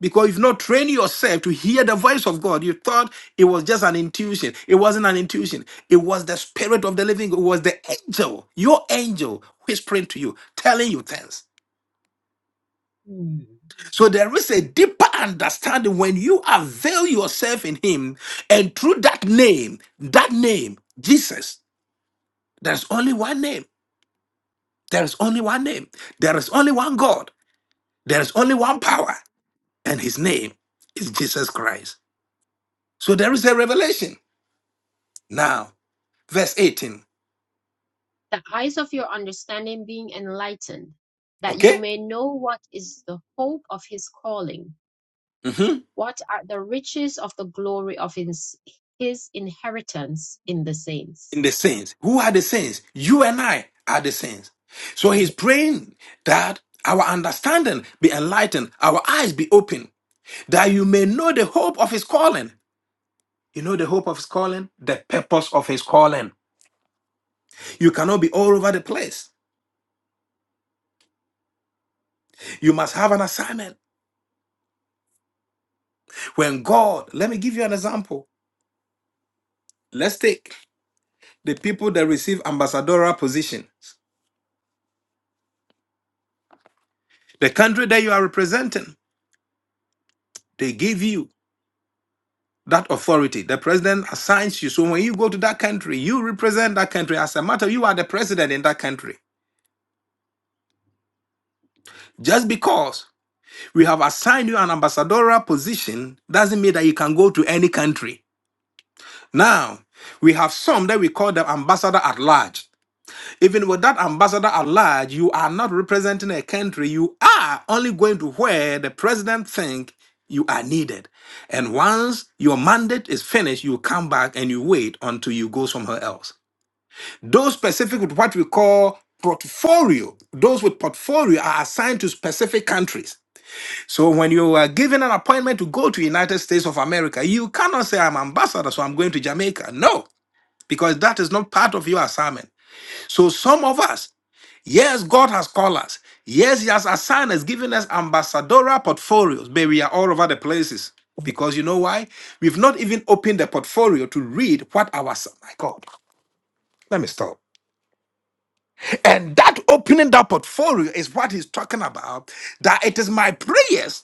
Because you've not trained yourself to hear the voice of God. You thought it was just an intuition. It wasn't an intuition. It was the spirit of the living God. It was the angel, your angel, whispering to you, telling you things.
Hmm.
So there is a deeper understanding when you avail yourself in Him, and through that name, that name, Jesus, there's only one name. There is only one name. There is only one God. There is only one power. And his name is Jesus Christ. So there is a revelation. Now, verse 18.
the eyes of your understanding being enlightened, that you
Okay?
may know what is the hope of His calling,
hmm
what are the riches of the glory of His, his inheritance in the
In
saints
the saints. Who are the saints? You and I are the saints. So he's praying that our understanding be enlightened, our eyes be open, that you may know the hope of his calling. You know the hope of his calling, the purpose of his calling. You cannot be all over the place. You must have an assignment. When God, let me give you an example. Let's take the people that receive ambassadorial positions. The country that you are representing, they give you that authority. The president assigns you. So when you go to that country, you represent that country. As a matter, you are the president in that country. Just because we have assigned you an ambassadorial position doesn't mean that you can go to any country. Now, we have some that we call the ambassador at large. Even with that ambassador at large, you are not representing a country. You are only going to where the president think you are needed. And once your mandate is finished, you come back and you wait until you go somewhere else. Those specific with what we call portfolio, those with portfolio are assigned to specific countries. So when you are given an appointment to go to United States of America, you cannot say I'm ambassador, so I'm going to Jamaica. No, because that is not part of your assignment. So some of us Yes, God has called us. Yes, He has assigned us, given us ambassadorial portfolios, but we are all over the places. Because you know why? We've not even opened the portfolio to read what our s- my God. Let me stop. And that opening that portfolio is what he's talking about. That it is my prayers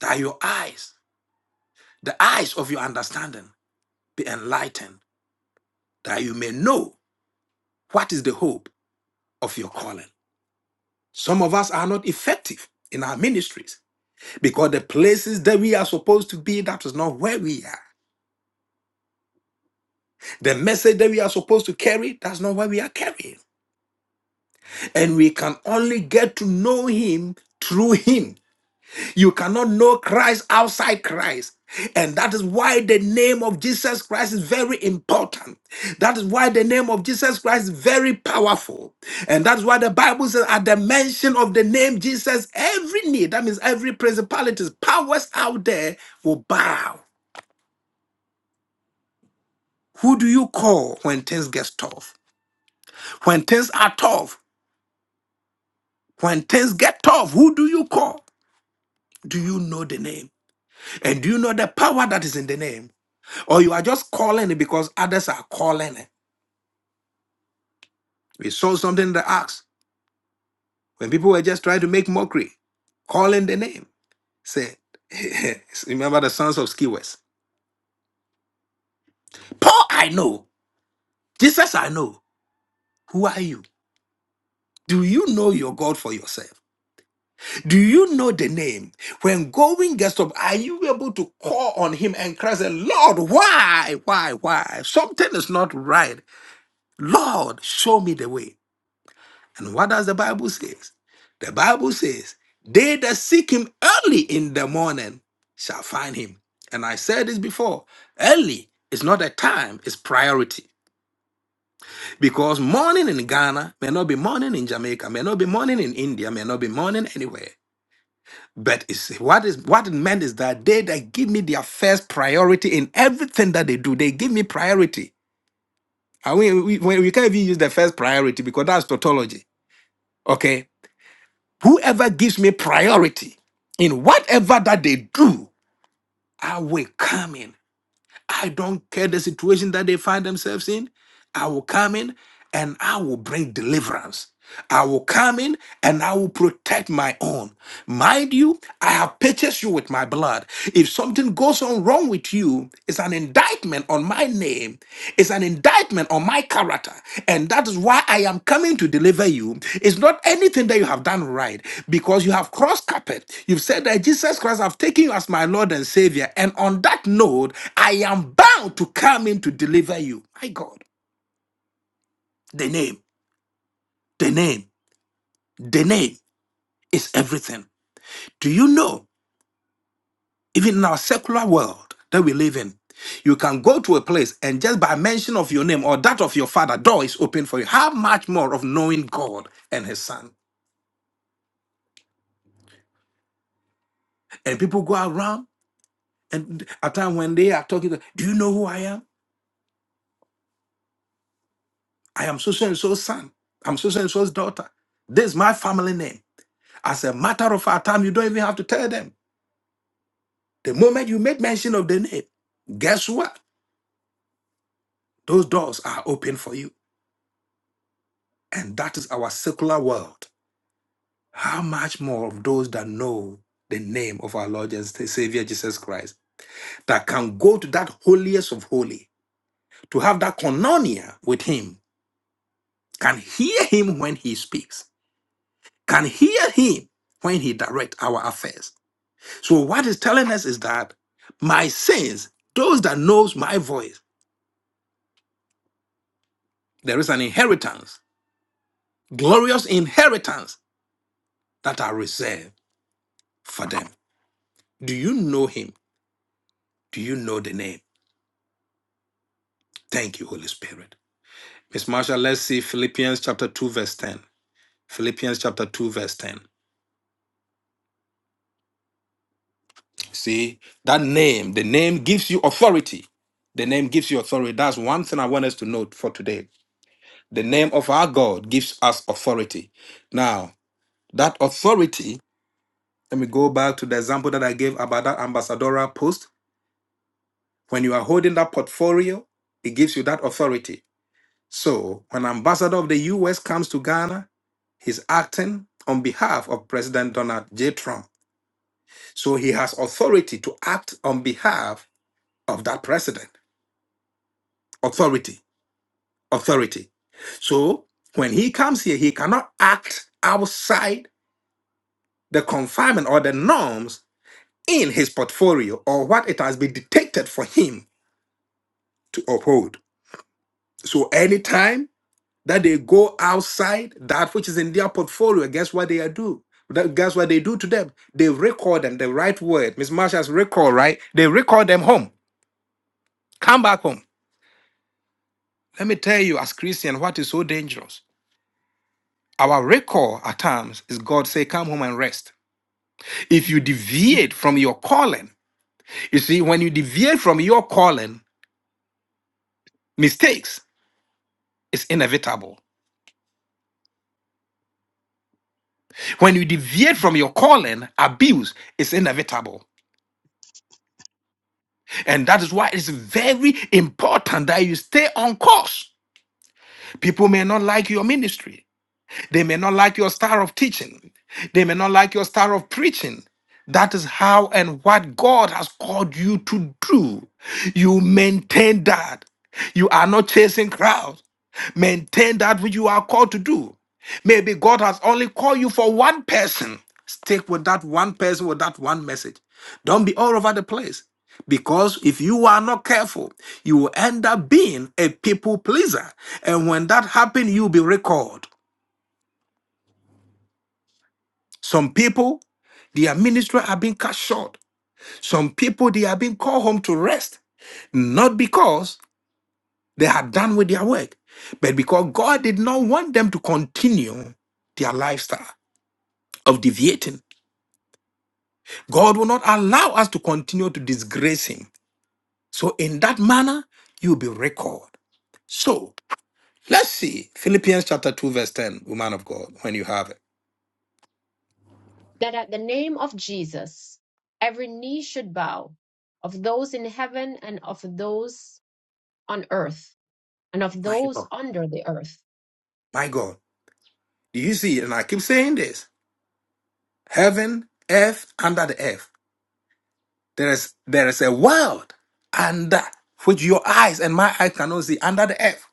that your eyes, the eyes of your understanding, be enlightened, that you may know what is the hope of your calling. Some of us are not effective in our ministries Because the places that we are supposed to be, that is not where we are. The message that we are supposed to carry, that's not what we are carrying. And we can only get to know Him through Him. You cannot know Christ outside Christ. And that is why the name of Jesus Christ is very important. That is why the name of Jesus Christ is very powerful. And that's why the Bible says, at the mention of the name Jesus, every knee, that means every principalities, powers out there will bow. Who do you call when things get tough? When things are tough, when things get tough, who do you call? Do you know the name? And do you know the power that is in the name? Or you are just calling it because others are calling it. We saw something in the Acts when people were just trying to make mockery, calling the name. Say, remember the sons of Skewers. Paul, I know. Jesus, I know. Who are you? Do you know your God for yourself? Do you know the name? When going gets up, are you able to call on him and cry, say, Lord, why, why, why? Something is not right. Lord, show me the way. And what does the Bible say? The Bible says, they that seek him early in the morning shall find him. And I said this before, early is not a time, it's priority. Because morning in Ghana may not be morning in Jamaica, may not be morning in India, may not be morning anywhere. But it's, what is what it meant is that they that give me their first priority in everything that they do, they give me priority. I mean, we, we, we can't even use the first priority because that's tautology. Okay, whoever gives me priority in whatever that they do, I will come in. I don't care the situation that they find themselves in. I will come in and I will bring deliverance. I will come in and I will protect my own. Mind you, I have purchased you with my blood. If something goes on wrong with you, it's an indictment on my name, it's an indictment on my character. And that is why I am coming to deliver you. It's not anything that you have done right because you have crossed carpet. You've said that Jesus Christ have taken you as my Lord and Savior. And on that note, I am bound to come in to deliver you. My God, the name, the name, the name is everything. Do you know, even in our secular world that we live in, you can go to a place and just by mention of your name or that of your father, door is open for you. How much more of knowing God and His Son? And people go around, and at time when they are talking, to, do you know who I am? I am so so and so's son. I'm so so and so's daughter. This is my family name. As a matter of fact, time you don't even have to tell them. The moment you make mention of the name, guess what? Those doors are open for you, and that is our secular world. How much more of those that know the name of our Lord and Savior Jesus Christ that can go to that holiest of holy to have that koinonia with Him, can hear Him when He speaks, can hear Him when He directs our affairs. So what is telling us is that my sins, those that knows my voice, there is an inheritance, glorious inheritance that are reserved for them. Do you know Him? Do you know the name? Thank you, Holy Spirit. Miss Marsha, let's see Philippians chapter 2, verse 10. Philippians chapter 2, verse 10. See, that name, the name gives you authority. The name gives you authority. That's one thing I want us to note for today. The name of our God gives us authority. Now, that authority, let me go back to the example that I gave about that ambassadorial post. When you are holding that portfolio, it gives you that authority. So, when ambassador of the US comes to Ghana, he's acting on behalf of President Donald J. Trump. So he has authority to act on behalf of that president. Authority. Authority. So when he comes here, he cannot act outside the confinement or the norms in his portfolio or what it has been dictated for him to uphold. So anytime that they go outside that which is in their portfolio, guess what they are do? That, guess what they do to them? They record them the right word. Miss Marsha's record, right? They record them home. Come back home. Let me tell you, as Christian, what is so dangerous. Our recall at times is God say, "Come home and rest." If you
Mm.
deviate from your calling, you see, when you deviate from your calling, mistakes is inevitable. When you deviate from your calling, abuse is inevitable, and that is why it's very important that you stay on course. People may not like your ministry. They may not like your style of teaching. They may not like your style of preaching. That is how and what God has called you to do. You maintain that. You are not chasing crowds. Maintain that which you are called to do. Maybe God has only called you for one person. Stick with that one person with that one message. Don't be all over the place. Because if you are not careful, you will end up being a people pleaser. And when that happens, you'll be recalled. Some people, their ministry are being cut short. Some people, they are being called home to rest, not because they are done with their work, but because God did not want them to continue their lifestyle of deviating. God will not allow us to continue to disgrace Him. So, in that manner, you will be recalled. So, let's see Philippians chapter 2, verse 10, woman of God, when you have it.
that at the name of Jesus, every knee should bow of those in heaven and of those on earth and of
My
those
God.
under the earth.
My God. Do you see? And I keep saying this heaven, earth, under the earth. There is there is a world under which your eyes and my eyes cannot see under the earth.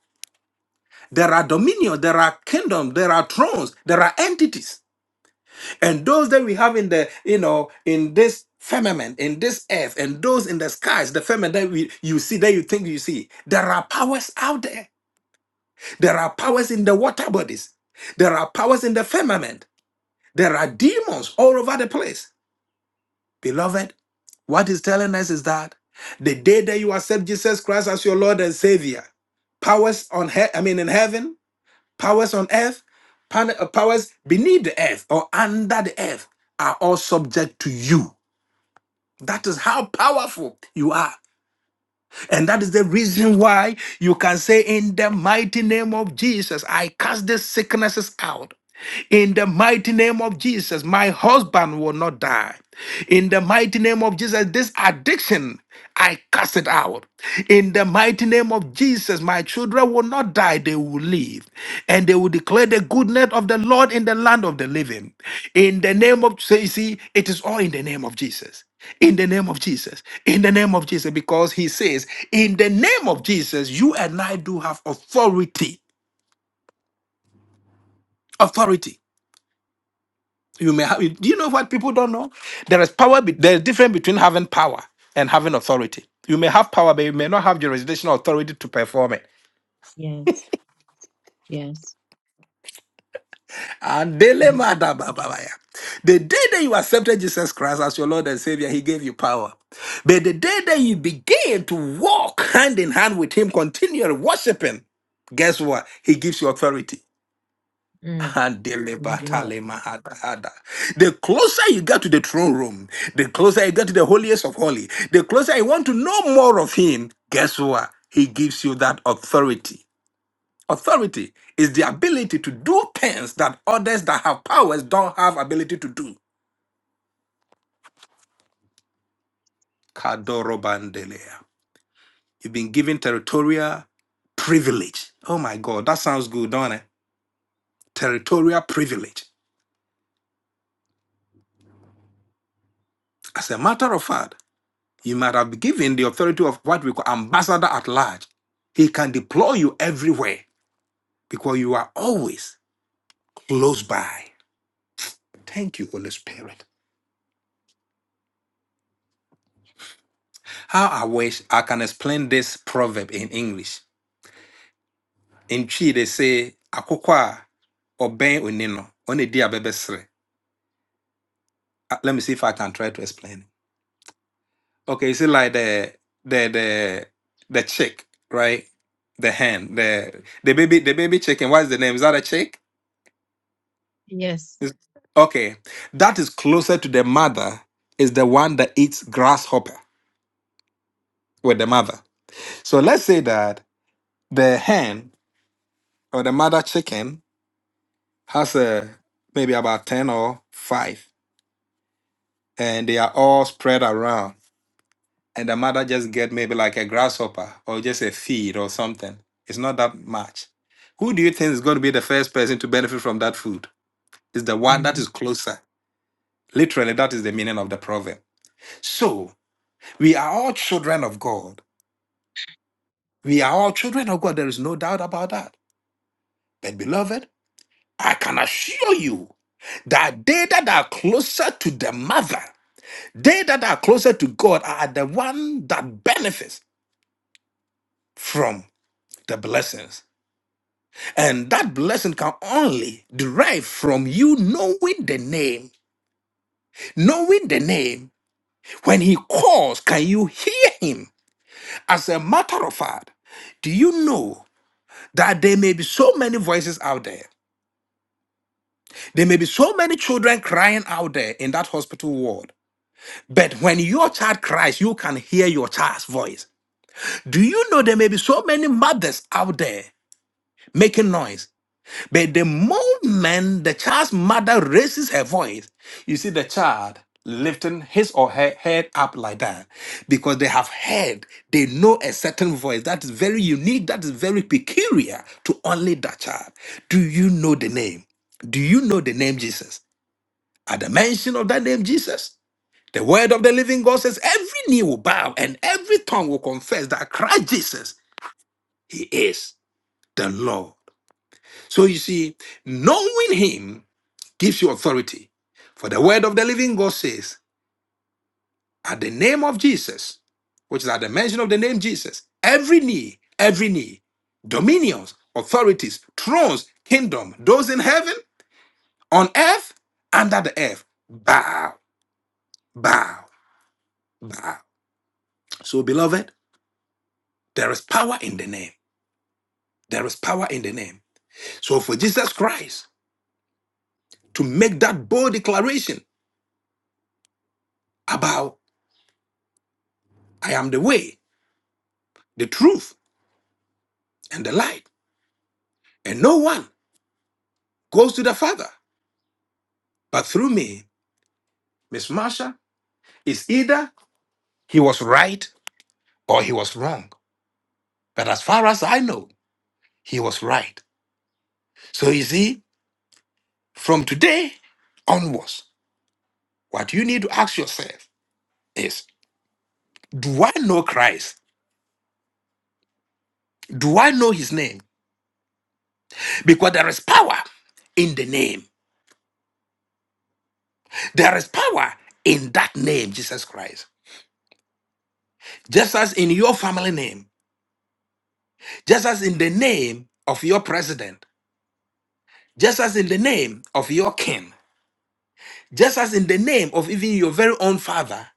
There are dominions, there are kingdoms, there are thrones, there are entities. And those that we have in the, you know, in this firmament, in this earth, and those in the skies, the firmament that we you see, that you think you see, there are powers out there. There are powers in the water bodies. There are powers in the firmament. There are demons all over the place. Beloved, what he's telling us is that the day that you accept Jesus Christ as your Lord and Savior, powers on he- I mean in heaven, powers on earth, pan- uh, powers beneath the earth or under the earth are all subject to you. That is how powerful you are. And that is the reason why you can say, In the mighty name of Jesus, I cast these sicknesses out. In the mighty name of Jesus, my husband will not die. In the mighty name of Jesus, this addiction, I cast it out. In the mighty name of Jesus, my children will not die, they will live. And they will declare the goodness of the Lord in the land of the living. In the name of, so you see, it is all in the name of Jesus. In the name of Jesus. In the name of Jesus. Because he says, in the name of Jesus, you and I do have authority. Authority. You may have. Do you know what people don't know? There is power. be- There is difference between having power and having authority. You may have power, but you may not have jurisdictional authority to perform it.
Yes. Yes.
And dele
Yeah.
mada ba ba ba ya. the day that you accepted Jesus Christ as your Lord and Savior, He gave you power. But the day that you began to walk hand in hand with Him, continually worshiping, guess what? He gives you authority.
Mm. Lord. Lord.
Handelebatalemahatahada. The closer you get to the throne room, the closer you get to the holiest of holy, the closer you want to know more of him, guess what? He gives you that authority. Authority is the ability to do things that others that have powers don't have ability to do. Kadorobandelea. You've been given territorial privilege. Oh my God, that sounds good, don't it? Territorial privilege. As a matter of fact, You might have been given the authority of what we call ambassador at large. He can deploy you everywhere because you are always close by. Thank you, Holy Spirit. How I wish I can explain this proverb in English. In Chi, they say, "Akoko a ọbɛn oni no, ɔna edi Uh, Let me see if I can try to explain. it. Okay, you see, like the the the the chick, right? The hen, the the baby, the baby chicken. What is the name? Is that a chick?
Yes.
Is- Okay, that is closer to the mother is the one that eats grasshopper with the mother. So let's say that the hen or the mother chicken has a maybe about ten or five, and they are all spread around, and the mother just get maybe like a grasshopper or just a feed or something. It's not that much. Who do you think is going to be the first person to benefit from that food? Is the one that
Mm.
is closer. Literally, that is the meaning of the proverb. So we are all children of God We are all children of God. There is no doubt about that. But beloved, I can assure you that they that are closer to the mother, they that are closer to God are the one that benefits from the blessings. And that blessing can only derive from you knowing the name. Knowing the name, when he calls, can you hear him? As a matter of fact, do you know that there may be so many voices out there? There may be so many children crying out there in that hospital ward. But when your child cries, you can hear your child's voice. Do you know there may be so many mothers out there making noise? But the moment the child's mother raises her voice, you see the child lifting his or her head up like that because they have heard, they know a certain voice that is very unique, that is very peculiar to only that child. Do you know the name? Do you know the name Jesus? At the mention of that name, Jesus, the word of the living God says, every knee will bow and every tongue will confess that Christ Jesus, He is the Lord. So you see, knowing Him gives you authority. For the word of the living God says, at the name of Jesus, which is at the mention of the name Jesus, every knee, every knee, dominions, authorities, thrones, kingdom, those in heaven, on earth, under the earth, bow, bow, bow. So, beloved, There is power in the name. There is power in the name. So for Jesus Christ to make that bold declaration about I am the way, the truth, and the light, and no one goes to the Father but through me, Miss Marsha, is either he was right or he was wrong. But as far as I know, he was right. So you see, from today onwards, what you need to ask yourself is, do I know Christ? Do I know his name? because there is power in the name. There is power in that name, Jesus Christ. Just as in your family name, just as in the name of your president, just as in the name of your king, just as in the name of even your very own father,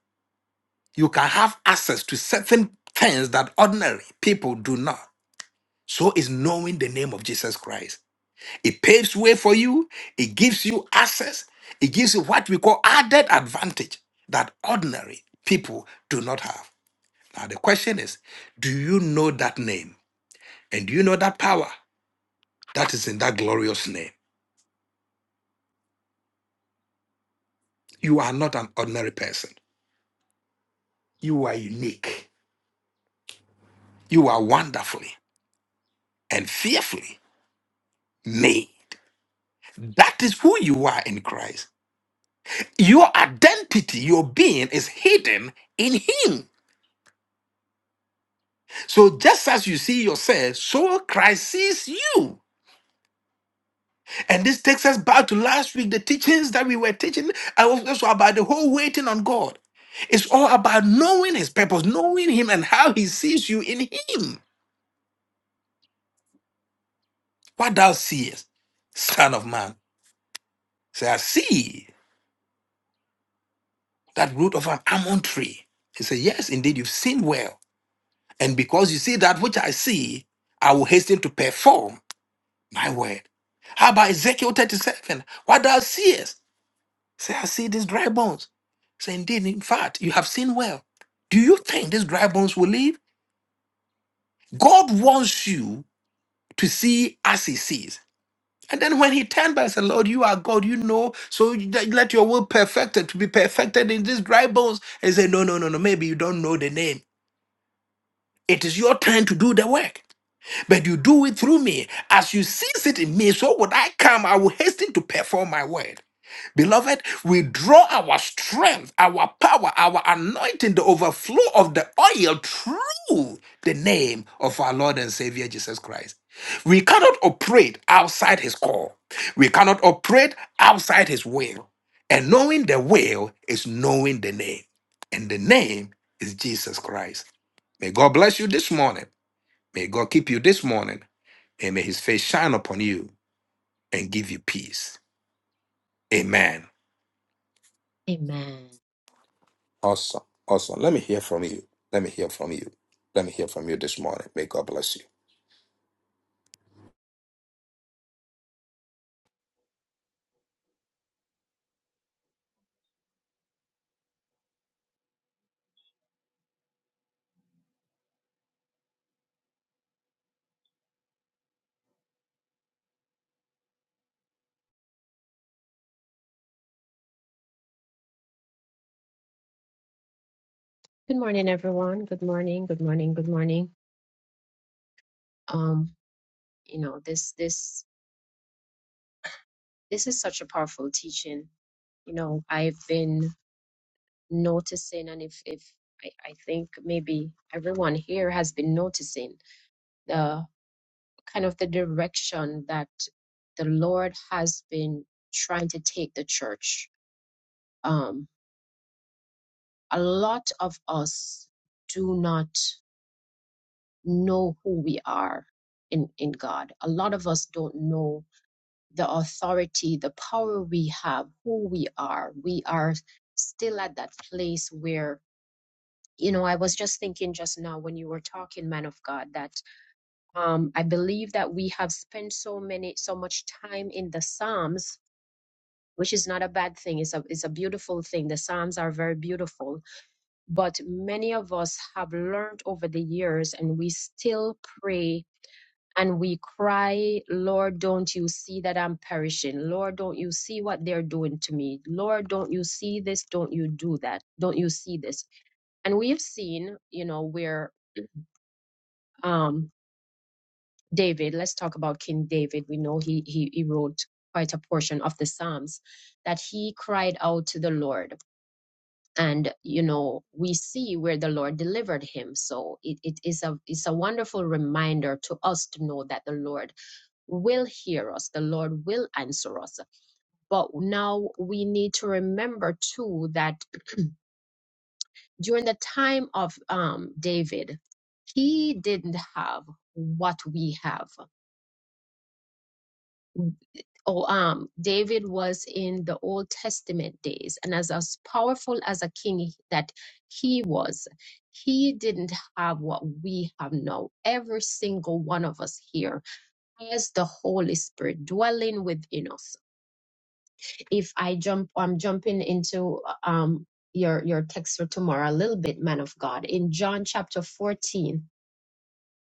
you can have access to certain things that ordinary people do not. So is knowing the name of Jesus Christ. It paves way for you. It gives you access. It gives you what we call added advantage that ordinary people do not have. Now, the question is do you know that name? And do you know that power that is in that glorious name? You are not an ordinary person. You are unique. You are wonderfully and fearfully made. That is who you are in Christ. Your identity, your being is hidden in Him. So just as you see yourself, so Christ sees you. And this takes us back to last week, the teachings that we were teaching. I was also about the whole waiting on God. It's all about knowing his purpose, knowing him and how he sees you in him. What thou seest, son of man. Say, I see that root of an almond tree. He said, Yes, indeed, you've seen well. And because you see that which I see, I will hasten to perform my word. How about Ezekiel 37? What thou seest? Say, I see these dry bones. Say, indeed, in fact, you have seen well. Do you think these dry bones will live? God wants you to see as he sees. And then when he turned back and said, Lord, you are God, you know, so you- that- let your will perfected to be perfected in these dry bones. And he said, No, no, no, no, maybe you don't know the name. It is your time to do the work. But you do it through me. As you cease it in me, so would I come, I will hasten to perform my word. Beloved, we draw our strength, our power, our anointing, the overflow of the oil through the name of our Lord and Savior Jesus Christ. We cannot operate outside His call, we cannot operate outside His will. And knowing the will is knowing the name, and the name is Jesus Christ. May God bless you this morning. May God keep you this morning, and may His face shine upon you and give you peace. Amen.
Amen.
Awesome. Awesome. Let me hear from you. Let me hear from you. Let me hear from you this morning. May God bless you.
Good morning, everyone. Good morning. Good morning. Good morning. Um, you know, this, this, this is such a powerful teaching. You know, I've been noticing, and if, if I, I think maybe everyone here has been noticing the. kind of the direction that the Lord has been trying to take the church. Um, a lot of us do not know who we are in, in God. A lot of us don't know the authority, the power we have, who we are. We are still at that place where, you know, I was just thinking just now when you were talking, man of God, that um, I believe that we have spent so many, so much time in the Psalms which is not a bad thing. It's a, it's a beautiful thing. The Psalms are very beautiful. But many of us have learned over the years and we still pray and we cry, Lord, don't you see that I'm perishing? Lord, don't you see what they're doing to me? Lord, don't you see this? Don't you do that? Don't you see this? And we've seen, you know, where um, David, let's talk about King David. We know he, he, he wrote quite a portion of the Psalms that he cried out to the Lord and you know we see where the lord delivered him so it, it is a it's a wonderful reminder to us to know that the lord will hear us the lord will answer us but now we need to remember too that during the time of um, david he didn't have what we have oh um david was in the old testament days and as as powerful as a king that he was he didn't have what we have now every single one of us here has the holy spirit dwelling within us if i jump i'm jumping into um your your text for tomorrow a little bit man of god in john chapter 14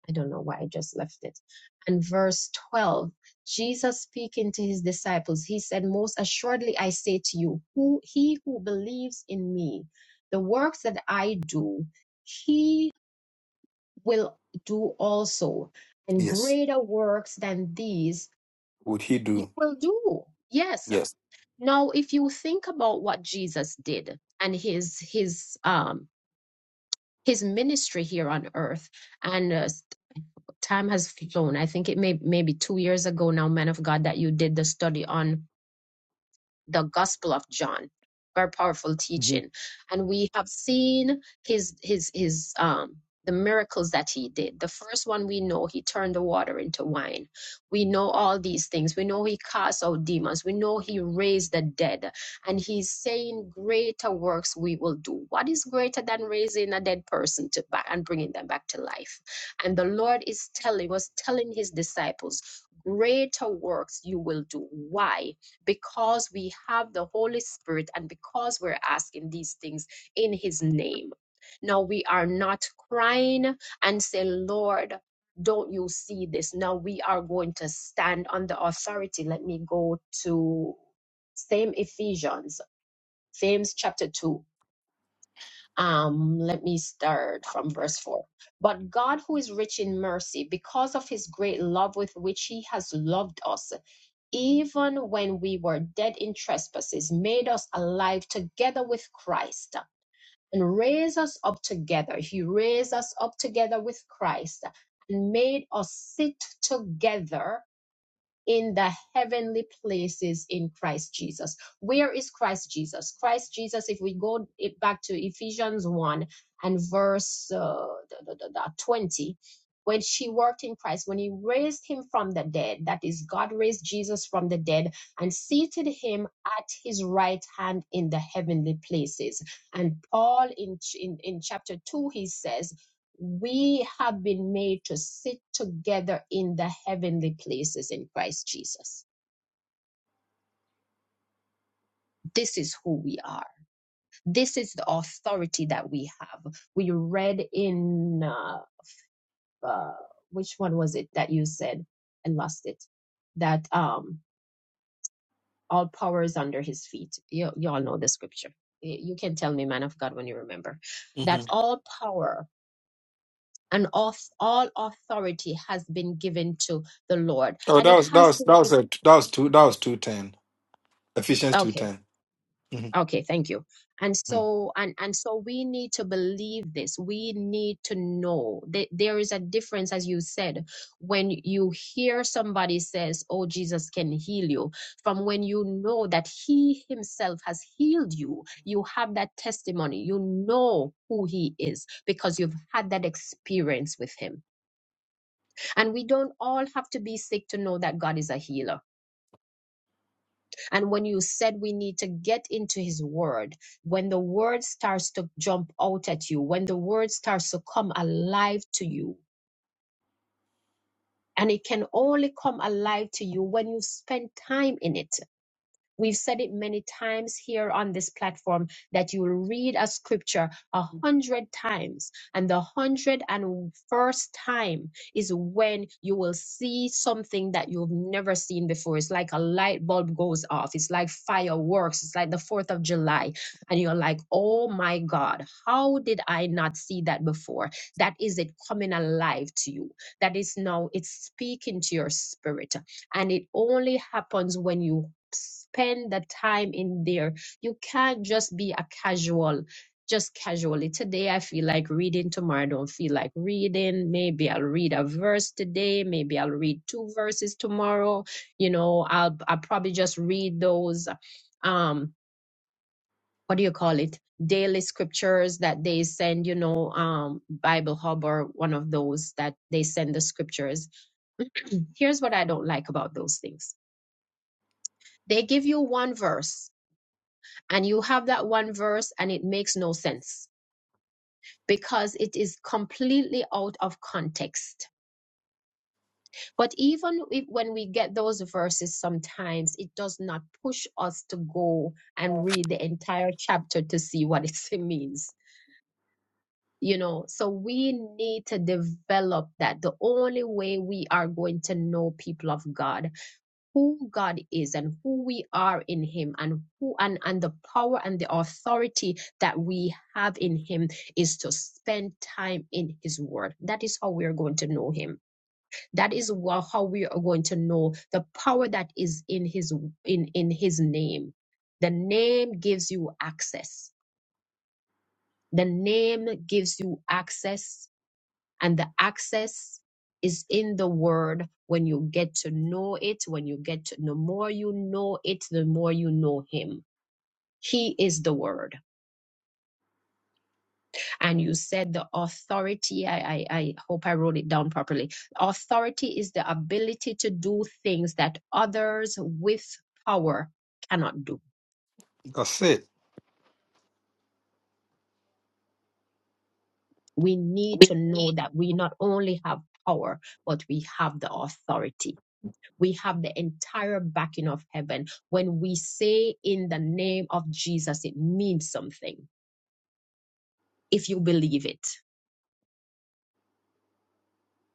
I don't know why I just left it. And verse 12, Jesus speaking to his disciples, he said, Most assuredly I say to you, who he who believes in me, the works that I do, he will do also, and
Yes.
greater works than these
Would he
you
do?
will do. Yes.
Yes.
Now, if you think about what Jesus did and his his um his ministry here on earth, and uh, time has flown. I think it may maybe two years ago now, man of God, that you did the study on the Gospel of John. Very powerful
Mm-hmm.
teaching, and we have seen his his his um the miracles that he did. The first one we know he turned the water into wine. We know all these things. We know he cast out demons. We know he raised the dead, and he's saying greater works we will do. What is greater than raising a dead person to back and bringing them back to life? And the Lord is telling was telling his disciples, greater works you will do. Why? because we have the Holy Spirit and because we're asking these things in His name. Now we are not crying and say, Lord, don't you see this? Now we are going to stand on the authority. Let me go to same Ephesians, James chapter 2 um let me start from verse 4 but god who is rich in mercy because of his great love with which he has loved us even when we were dead in trespasses made us alive together with christ and raised us up together he raised us up together with christ and made us sit together in the heavenly places in Christ Jesus. Where is Christ Jesus? Christ Jesus, if we go back to Ephesians 1 and verse uh, 20, when she worked in Christ, when he raised him from the dead, that is, God raised Jesus from the dead and seated him at his right hand in the heavenly places. And Paul in, in, in chapter 2, he says, we have been made to sit together in the heavenly places in Christ Jesus. This is who we are. This is the authority that we have. We read in uh, uh, which one was it that you said? I lost it. That um, all power is under His feet. You, you all know the scripture. Y- You can tell me, man of God, when you remember that
hmm
all power and all, all authority has been given to the Lord,
Oh,
and
that
it
was that
has
was that was
been
a that was two that was two ten Ephesians two
given.
ten. Mm-hmm.
Okay, thank you. And
Mm-hmm.
so and and so we need to believe this. We need to know that there is a difference, as you said, when you hear somebody says, "Oh, Jesus can heal you," from when you know that He Himself has healed you. You have that testimony. You know who He is because you've had that experience with Him. And we don't all have to be sick to know that God is a healer and when you said we need to get into his word, when the word starts to jump out at you, when the word starts to come alive to you, and it can only come alive to you when you spend time in it. We've said it many times here on this platform that you will read a scripture a hundred times, and the hundred and first time is when you will see something that you've never seen before. It's like a light bulb goes off, it's like fireworks, it's like the 4th of July, and you're like, oh my God, how did I not see that before? That is it coming alive to you. That is now, it's speaking to your spirit and it only happens when you spend the time in there. You can't just be a casual, just casually. Today I feel like reading, tomorrow I don't feel like reading. Maybe I'll read a verse today, maybe I'll read two verses tomorrow. You know, I'll I'll probably just read those um what do you call it? Daily scriptures that they send, you know, um, Bible Hub or one of those that they send the scriptures. Here's what I don't like about those things. They give you one verse and you have that one verse and it makes no sense because it is completely out of context. But even if, when we get those verses, sometimes it does not push us to go and read the entire chapter to see what it means. You know, so we need to develop that. The only way we are going to know people of God who God is and who we are in Him and who and, and the power and the authority that we have in Him is to spend time in His Word. That is how we are going to know Him. That is wha- how we are going to know the power that is in His in in His name. The name gives you access. The name gives you access and the access is in the word when you get to know it, when you get to, the more you know it, the more you know him. He is the word. And you said the authority, I, I, I hope I wrote it down properly. Authority is the ability to do things that others with power cannot do.
That's it.
We need to know that we not only have power, but we have the authority we have the entire backing of heaven. When we say in the name of Jesus, it means something if you believe it.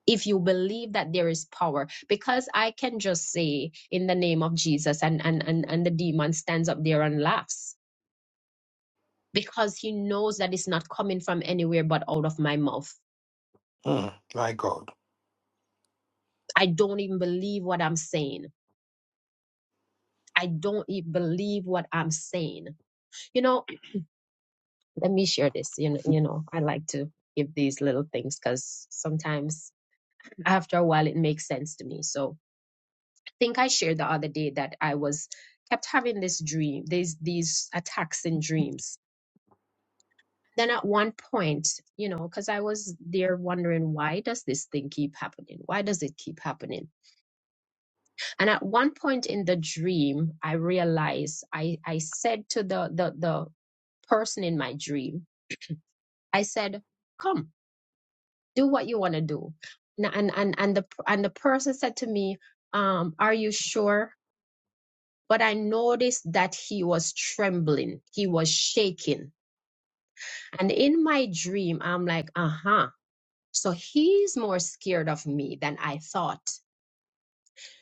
If you believe that there is power, because I can just say in the name of Jesus and, and, and, and the demon stands up there and laughs because he knows that it's not coming from anywhere but out of my mouth.
Mm. My God,
I don't even believe what I'm saying. I don't even believe what I'm saying. You know, let me share this. You know, you know, I like to give these little things because sometimes after a while it makes sense to me. So I think I shared the other day that I was kept having this dream, these these attacks in dreams. Then at one point, you know, because I was there wondering why does this thing keep happening? Why does it keep happening? And at one point in the dream, I realized I I said to the the the person in my dream, I said, "Come." do what you want to do and and and and the and the person said to me um are you sure but i noticed that he was trembling he was shaking and in my dream i'm like uh-huh so he's more scared of me than i thought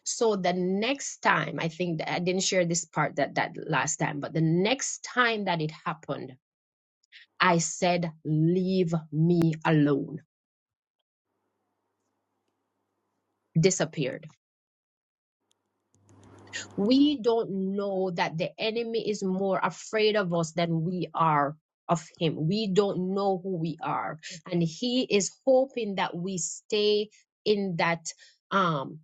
so the next time i think that i didn't share this part that that last time but the next time that it happened i said leave me alone disappeared we don't know that the enemy is more afraid of us than we are of him. We don't know who we are. And he is hoping that we stay in that um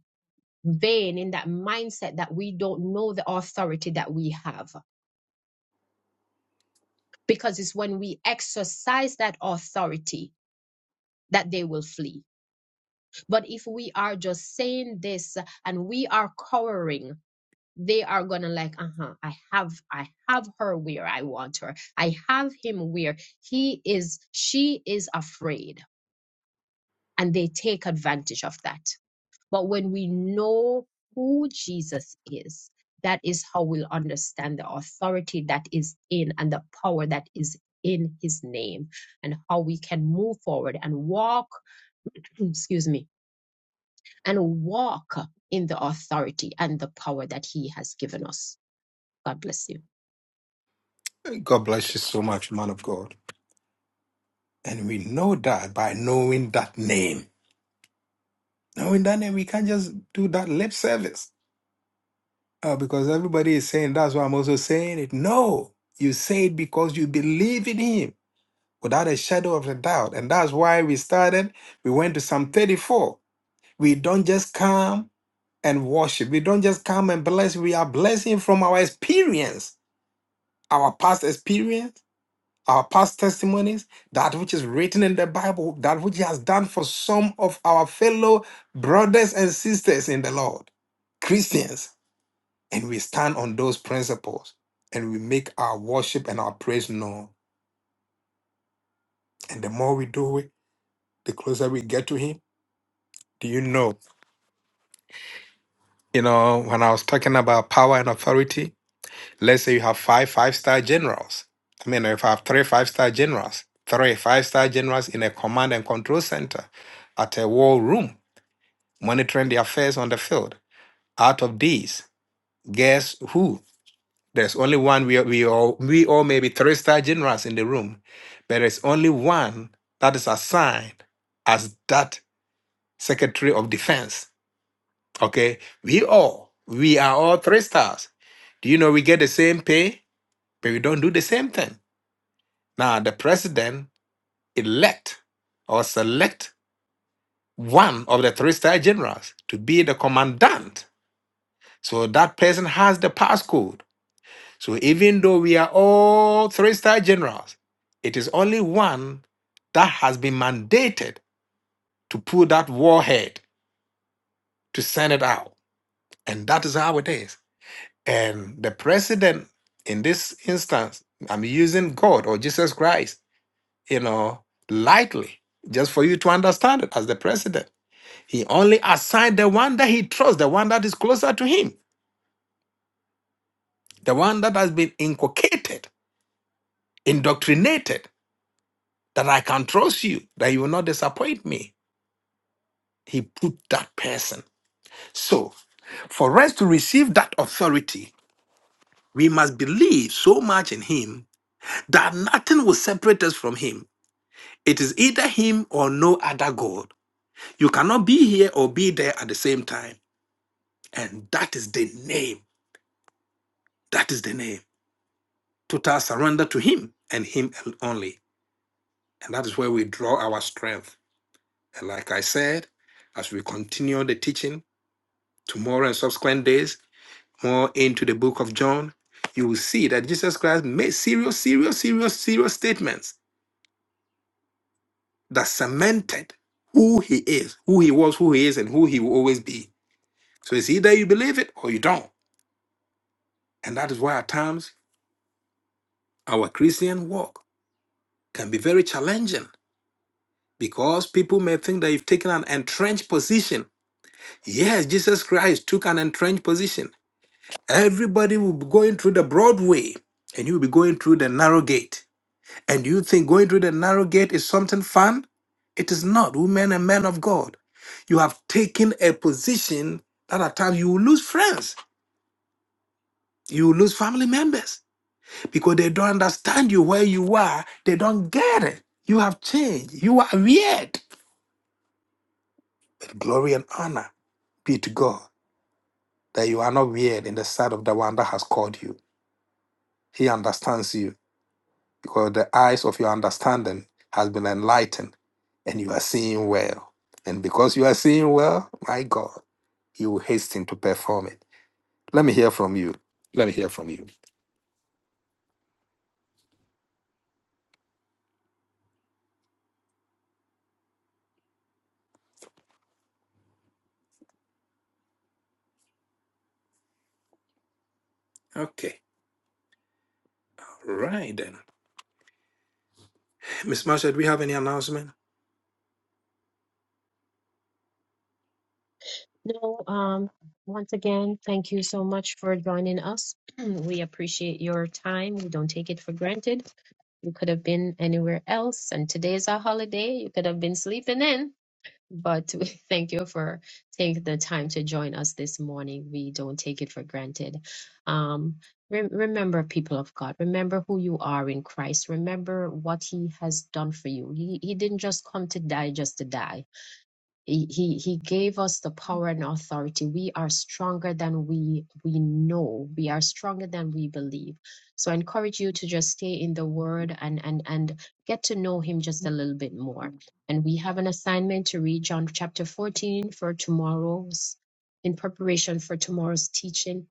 vein, in that mindset that we don't know the authority that we have. Because it's when we exercise that authority that they will flee. But if we are just saying this and we are cowering, they are gonna like uh-huh i have i have her where i want her i have him where he is she is afraid and they take advantage of that but when we know who jesus is that is how we'll understand the authority that is in and the power that is in his name and how we can move forward and walk excuse me and walk in the authority and the power that he has given us god bless you
God bless you so much, man of God. And we know that by knowing that name, knowing that name, we can't just do that lip service uh, because everybody is saying that's why I'm also saying it. No, you say it because you believe in Him. without a shadow of a doubt. And that's why we started. We went to Psalm 34. We don't just come and worship, we don't just come and bless. We are blessing from our experience, our past experience, our past testimonies, that which is written in the Bible, that which He has done for some of our fellow brothers and sisters in the Lord, Christians. And we stand on those principles and we make our worship and our praise known. And the more we do it, the closer we get to Him Do you know, you know, when I was talking about power and authority, let's say you have five five star generals. I mean, if I have three five star generals, three five star generals in a command and control center at a war room, monitoring the affairs on the field. Out of these, guess who? There's only one. We, we all we all may be three star generals in the room, but there's only one that is assigned as that Secretary of Defense Okay, we all, we are all three stars. Do you know we get the same pay, but we don't do the same thing? Now, the president elect or select one of the three star generals to be the commandant. So that person has the passcode. So even though we are all three star generals, it is only one that has been mandated to pull that warhead to send it out. And that is how it is. And the president, in this instance, I'm using God or Jesus Christ, you know, lightly, just for you to understand it as the president. He only assigned the one that he trusts, the one that is closer to him, the one that has been inculcated, indoctrinated, that I can trust you, that you will not disappoint me. He put that person. So, for us to receive that authority, we must believe so much in him that nothing will separate us from him It is either him or no other God. You cannot be here or be there at the same time. And that is the name. That is the name. Total surrender to him and him only. And that is where we draw our strength. And like I said, as we continue the teaching tomorrow and subsequent days, more into the book of John, you will see that Jesus Christ made serious, serious, serious, serious statements that cemented who he is, who he was, who he is, and who he will always be So it's either you believe it or you don't. And that is why at times our Christian walk can be very challenging because people may think that you've taken an entrenched position. Yes, Jesus Christ took an entrenched position. Everybody will be going through the broad way and you'll be going through the narrow gate. And you think going through the narrow gate is something fun? It is not, women and men of God. You have taken a position that at times you will lose friends, you will lose family members because they don't understand you where you are. They don't get it. You have changed. You are weird. But glory and honor be to God that you are not weird in the sight of the one that has called you. He understands you because the eyes of your understanding has been enlightened and you are seeing well. And because you are seeing well, my God, you will hasten to perform it. Let me hear from you. Let me hear from you. Okay. All right then. Miss Marsha, do we have any announcement?
No, um, once again, thank you so much for joining us. We appreciate your time. We don't take it for granted. You could have been anywhere else, and today's a holiday. You could have been sleeping in. but we thank you for taking the time to join us this morning. We don't take it for granted. Um, rem- remember, people of God, remember who you are in Christ. Remember what He has done for you. He, he didn't just come to die just to die he he he gave us the power and authority we are stronger than we we know we are stronger than we believe so i encourage you to just stay in the word and and and get to know him just a little bit more and we have an assignment to read john chapter 14 for tomorrow's in preparation for tomorrow's teaching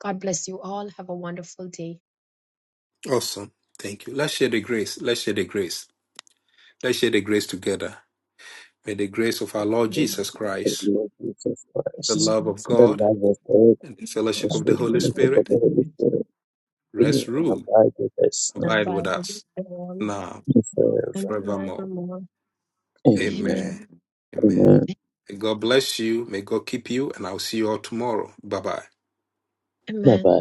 god bless you all have a wonderful day
Awesome. Thank you. Let's share the grace. Let's share the grace. Let's share the grace together. May the grace of our Lord
The grace
Jesus
of the
Christ,
Lord Jesus
the
Christ,
love of
the
God,
love of God.
and the fellowship
As
of the
we
Holy
fellowship of
Spirit
the Holy Spirit, be
rest,
and
rule,
abide with us now
abide with
Abide with
us
us all
now,
and
now and
forever.
forevermore.
forevermore
Amen.
amen
Amen. Amen.
Amen.
May God bless you. May God keep you. And I'll see you all tomorrow. Bye bye.
Bye
Amen.
bye.